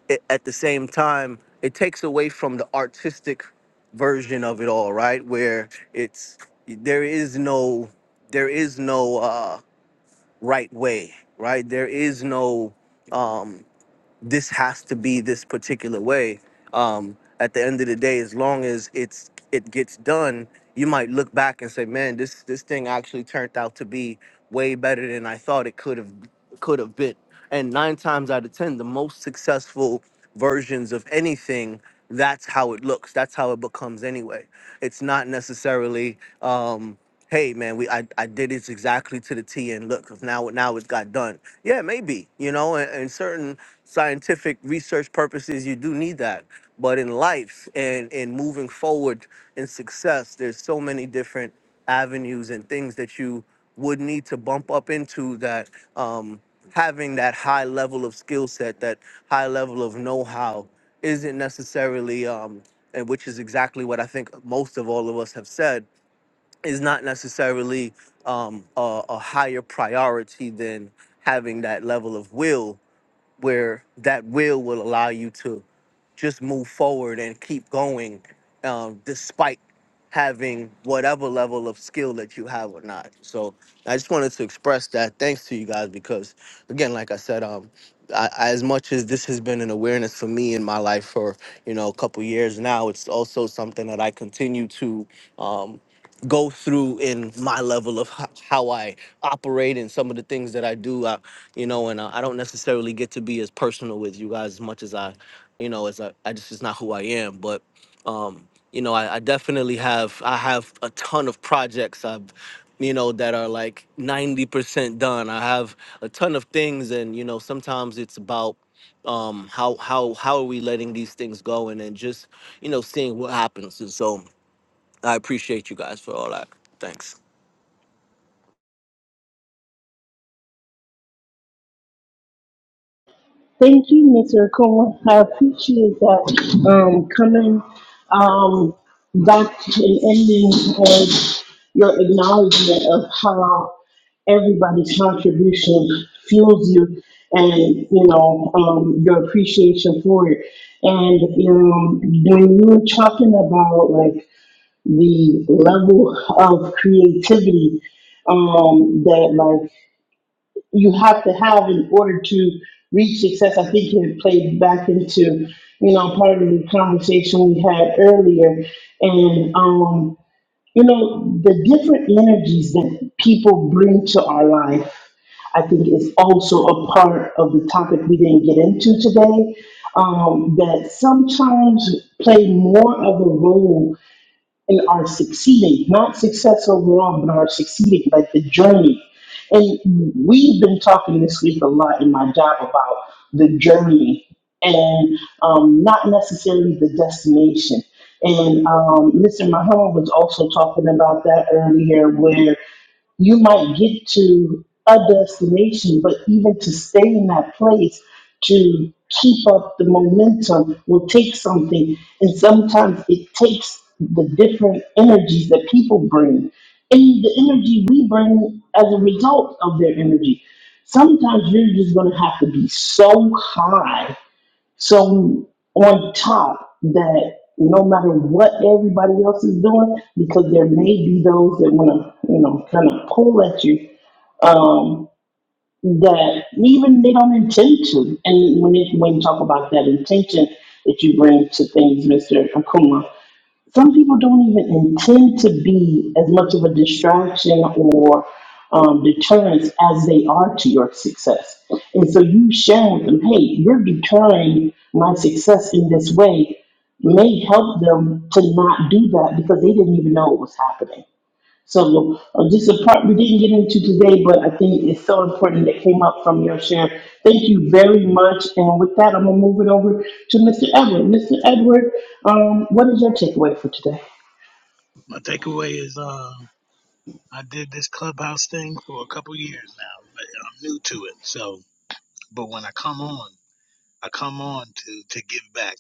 Speaker 5: it, at the same time, it takes away from the artistic version of it all, right? Where it's there is no there is no. Uh, right way, right? There is no um this has to be this particular way. Um at the end of the day, as long as it's it gets done, you might look back and say, "Man, this this thing actually turned out to be way better than I thought it could have could have been." And 9 times out of 10, the most successful versions of anything that's how it looks. That's how it becomes anyway. It's not necessarily um hey man we I, I did this exactly to the t and look 'cause now now it's got done yeah maybe you know and, and certain scientific research purposes you do need that but in life and in moving forward in success there's so many different avenues and things that you would need to bump up into that um, having that high level of skill set that high level of know-how isn't necessarily um, and which is exactly what i think most of all of us have said is not necessarily um, a, a higher priority than having that level of will, where that will will allow you to just move forward and keep going, um, despite having whatever level of skill that you have or not. So I just wanted to express that. Thanks to you guys because, again, like I said, um, I, I- as much as this has been an awareness for me in my life for you know a couple years now, it's also something that I continue to. Um, go through in my level of ho- how I operate and some of the things that I do. I, you know, and uh, I don't necessarily get to be as personal with you guys as much as I, you know, as I, I just is not who I am. But, um, you know, I, I definitely have I have a ton of projects I've, you know, that are like ninety percent done. I have a ton of things, and you know, sometimes it's about um how how how are we letting these things go and then just you know seeing what happens and so I appreciate you guys for all that. Thanks.
Speaker 1: Thank you, Mr. Cohen. I appreciate that um, coming um, back and ending with your acknowledgement of how everybody's contribution fuels you and, you know, um, appreciation for it. And you know, when you were talking about like the level of creativity um, that like you have to have in order to reach success. I think it played back into, you know, part of the conversation we had earlier. And, um, you know, the different energies that people bring to our life, I think is also a part of the topic we didn't get into today. Um, that sometimes play more of a role and are succeeding, not success overall, but are succeeding, like the journey. And we've been talking this week a lot in my job about the journey and um, not necessarily the destination. And um, Mr. Muhammad was also talking about that earlier, where you might get to a destination, but even to stay in that place to keep up the momentum will take something. And sometimes it takes the different energies that people bring and the energy we bring as a result of their energy. Sometimes you're just going to have to be so high so on top that no matter what everybody else is doing, because there may be those that want to, you know, kind of pull at you, um, that even they don't intend to. And when it, when you talk about that intention that you bring to things, Mr. Akuma, some people don't even intend to be as much of a distraction or um, deterrence as they are to your success. And so you sharing with them, hey, you're deterring my success in this way, may help them to not do that because they didn't even know it was happening. So uh, just a part we didn't get into today, but I think it's so important that came up from your share. Thank you very much. And with that, I'm gonna move it over to Mr. Edward. Mr. Edward, um, what is your takeaway for today?
Speaker 6: My takeaway is uh, I did this clubhouse thing for a couple years now. but I'm new to it, so but when I come on, I come on to to give back.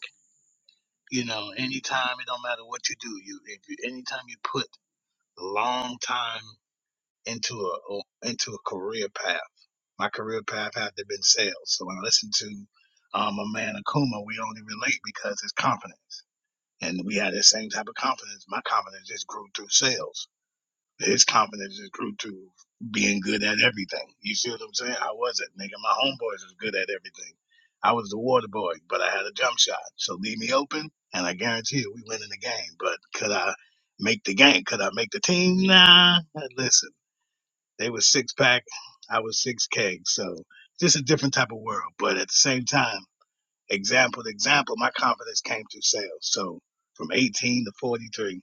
Speaker 6: You know, anytime it don't matter what you do, you if you anytime you put a long time into a or- into a career path. My career path had to been sales, so when I listen to um, a man Akuma, we only relate because it's confident, and we had the same type of confidence. My confidence just grew through sales. His confidence just grew to being good at everything. You see what I'm saying? I wasn't, nigga. My homeboys was good at everything. I was the water boy, but I had a jump shot. So leave me open, and I guarantee you, we win in the game. But could I make the game? Could I make the team? Nah. Listen, they was six pack. I was six kegs. So just a different type of world. But at the same time, example to example, my confidence came through sales. So from 18 to 43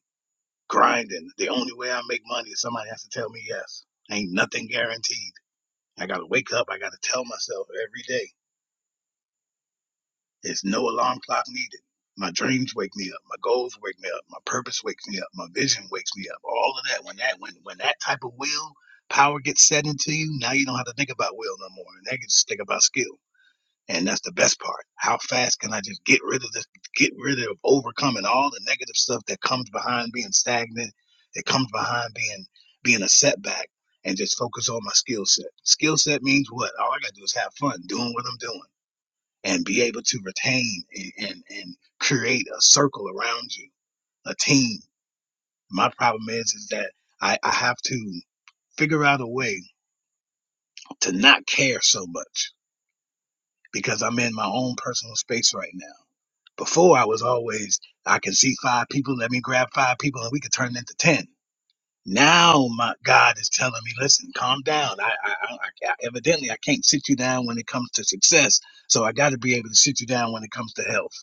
Speaker 6: grinding. The only way I make money is somebody has to tell me yes. Ain't nothing guaranteed. I gotta wake up. I gotta tell myself every day. There's no alarm clock needed. My dreams wake me up. My goals wake me up. My purpose wakes me up. My vision wakes me up. All of that. When that when when that type of will power gets set into you, now you don't have to think about will no more. And Now you can just think about skill. And that's the best part. How fast can I just get rid of this, get rid of overcoming all the negative stuff that comes behind being stagnant, that comes behind being being a setback, and just focus on my skill set. Skill set means what? All I gotta do is have fun doing what I'm doing and be able to retain and, and, and create a circle around you, a team. My problem is is that I, I have to figure out a way to not care so much because I'm in my own personal space right now Before I was always, I can see five people, let me grab five people and we could turn it into 10. Now my God is telling me, listen, calm down. I, I, I, I evidently I can't sit you down when it comes to success. So I got to be able to sit you down when it comes to health.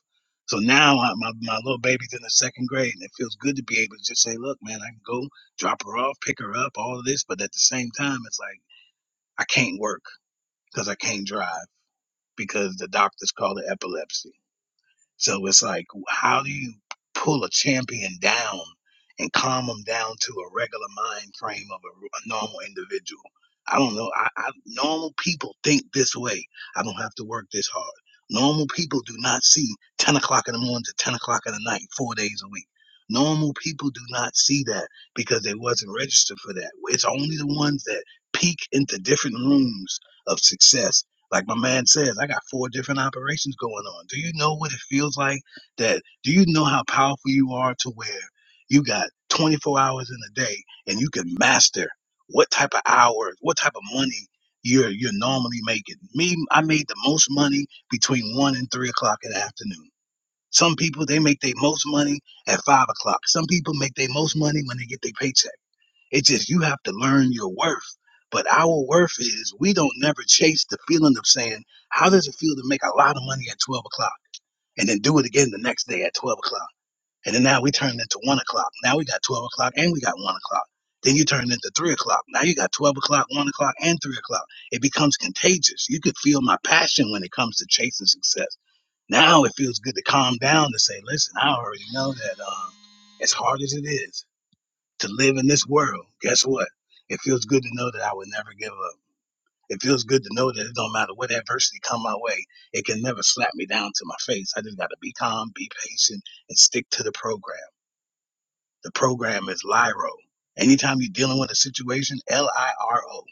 Speaker 6: So now I, my, my little baby's in the second grade and it feels good to be able to just say, look, man, I can go drop her off, pick her up, all of this. But at the same time, it's like, I can't work because I can't drive because the doctors call it epilepsy so it's like, how do you pull a champion down and calm them down to a regular mind frame of a, a normal individual? I don't know. I, I normal people think this way. I don't have to work this hard. Normal people do not see ten o'clock in the morning to ten o'clock in the night, four days a week. Normal people do not see that because they wasn't registered for that. It's only the ones that peek into different rooms of success like my man says, I got four different operations going on. Do you know what it feels like that? Do you know how powerful you are to where you got 24 hours in a day and you can master what type of hours, what type of money you're you're normally making? Me, I made the most money between one and three o'clock in the afternoon. Some people they make their most money at five o'clock. Some people make their most money when they get their paycheck it's just you have to learn your worth. But our worth is we don't never chase the feeling of saying, how does it feel to make a lot of money at 12 o'clock and then do it again the next day at 12 o'clock? And then now we turn into one o'clock. Now we got 12 o'clock and we got one o'clock. Then you turn into three o'clock. Now you got 12 o'clock, one o'clock, and three o'clock. It becomes contagious. You could feel my passion when it comes to chasing success. Now it feels good to calm down to say, listen, I already know that um, as hard as it is, to live in this world, guess what? It feels good to know that I would never give up. It feels good to know that it don't matter what adversity come my way, it can never slap me down to my face. I just got to be calm, be patient, and stick to the program. The program is LIRO. Anytime you're dealing with a situation, L-I-R-O.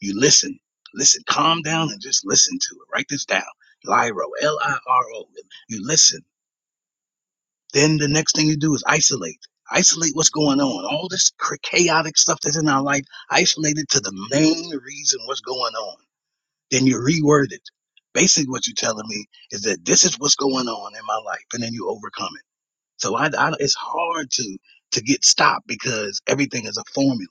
Speaker 6: You listen, listen, calm down and just listen to it. Write this down. LIRO, L-I-R-O. You listen. Then the next thing you do is isolate. Isolate what's going on. All this chaotic stuff that's in our life, isolate it to the main reason what's going on. Then you reword it. Basically, what you're telling me is that this is what's going on in my life, and then you overcome it. So I, I- it's hard to to get stopped because everything is a formula.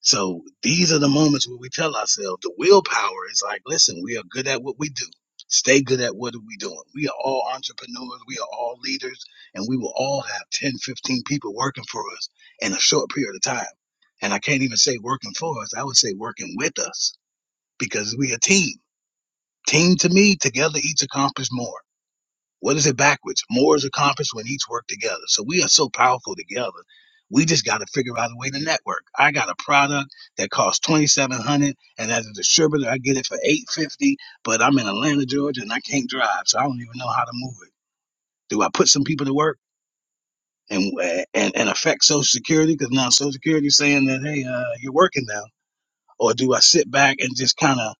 Speaker 6: So these are the moments where we tell ourselves the willpower is like, listen, we are good at what we do. Stay good at what are we doing. We are all entrepreneurs. We are all leaders. And we will all have 10, 15 people working for us in a short period of time. And I can't even say working for us. I would say working with us because we a team. Team to me, together each accomplish more. What is it backwards? More is accomplished when each work together. So we are so powerful together. We just got to figure out a way to network. I got a product that costs twenty seven hundred, dollars, and as a distributor, I get it for eight fifty. But I'm in Atlanta, Georgia, and I can't drive, so I don't even know how to move it. Do I put some people to work and and, and affect Social Security because now Social Security is saying that hey, uh, you're working now, or do I sit back and just kind of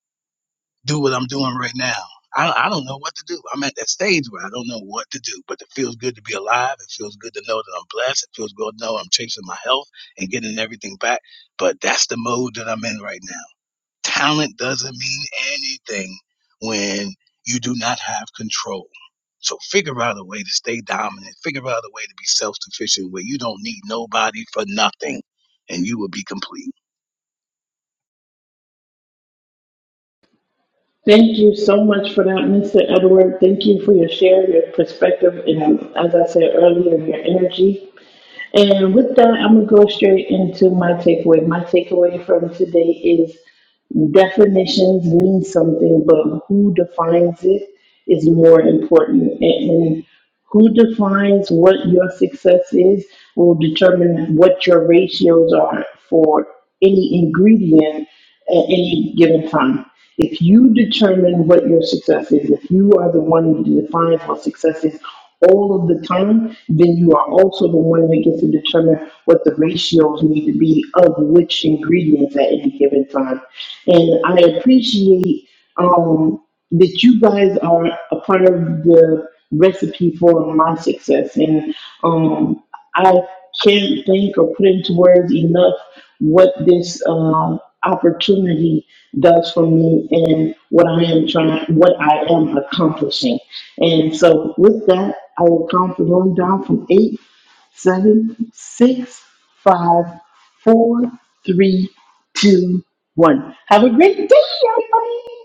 Speaker 6: do what I'm doing right now. I, I don't know what to do. I'm at that stage where I don't know what to do, but it feels good to be alive. It feels good to know that I'm blessed. It feels good to know I'm chasing my health and getting everything back. But that's the mode that I'm in right now. Talent doesn't mean anything when you do not have control. So figure out a way to stay dominant. Figure out a way to be self sufficient where you don't need nobody for nothing and you will be complete.
Speaker 1: Thank you so much for that, Mr. Edward. Thank you for your share, your perspective, and as I said earlier, your energy. And with that, I'm going to go straight into my takeaway. My takeaway from today is definitions mean something, but who defines it is more important. And who defines what your success is will determine what your ratios are for any ingredient at any given time. If you determine what your success is, if you are the one who defines what success is all of the time, then you are also the one that gets to determine what the ratios need to be of which ingredients at any given time. And I appreciate um, that you guys are a part of the recipe for my success. And um, I can't think or put into words enough what this um, opportunity does for me and what I am trying, what I am accomplishing. And so, with that, I will count the room down from eight, seven, six, five, four, three, two, one. Have a great day, everybody.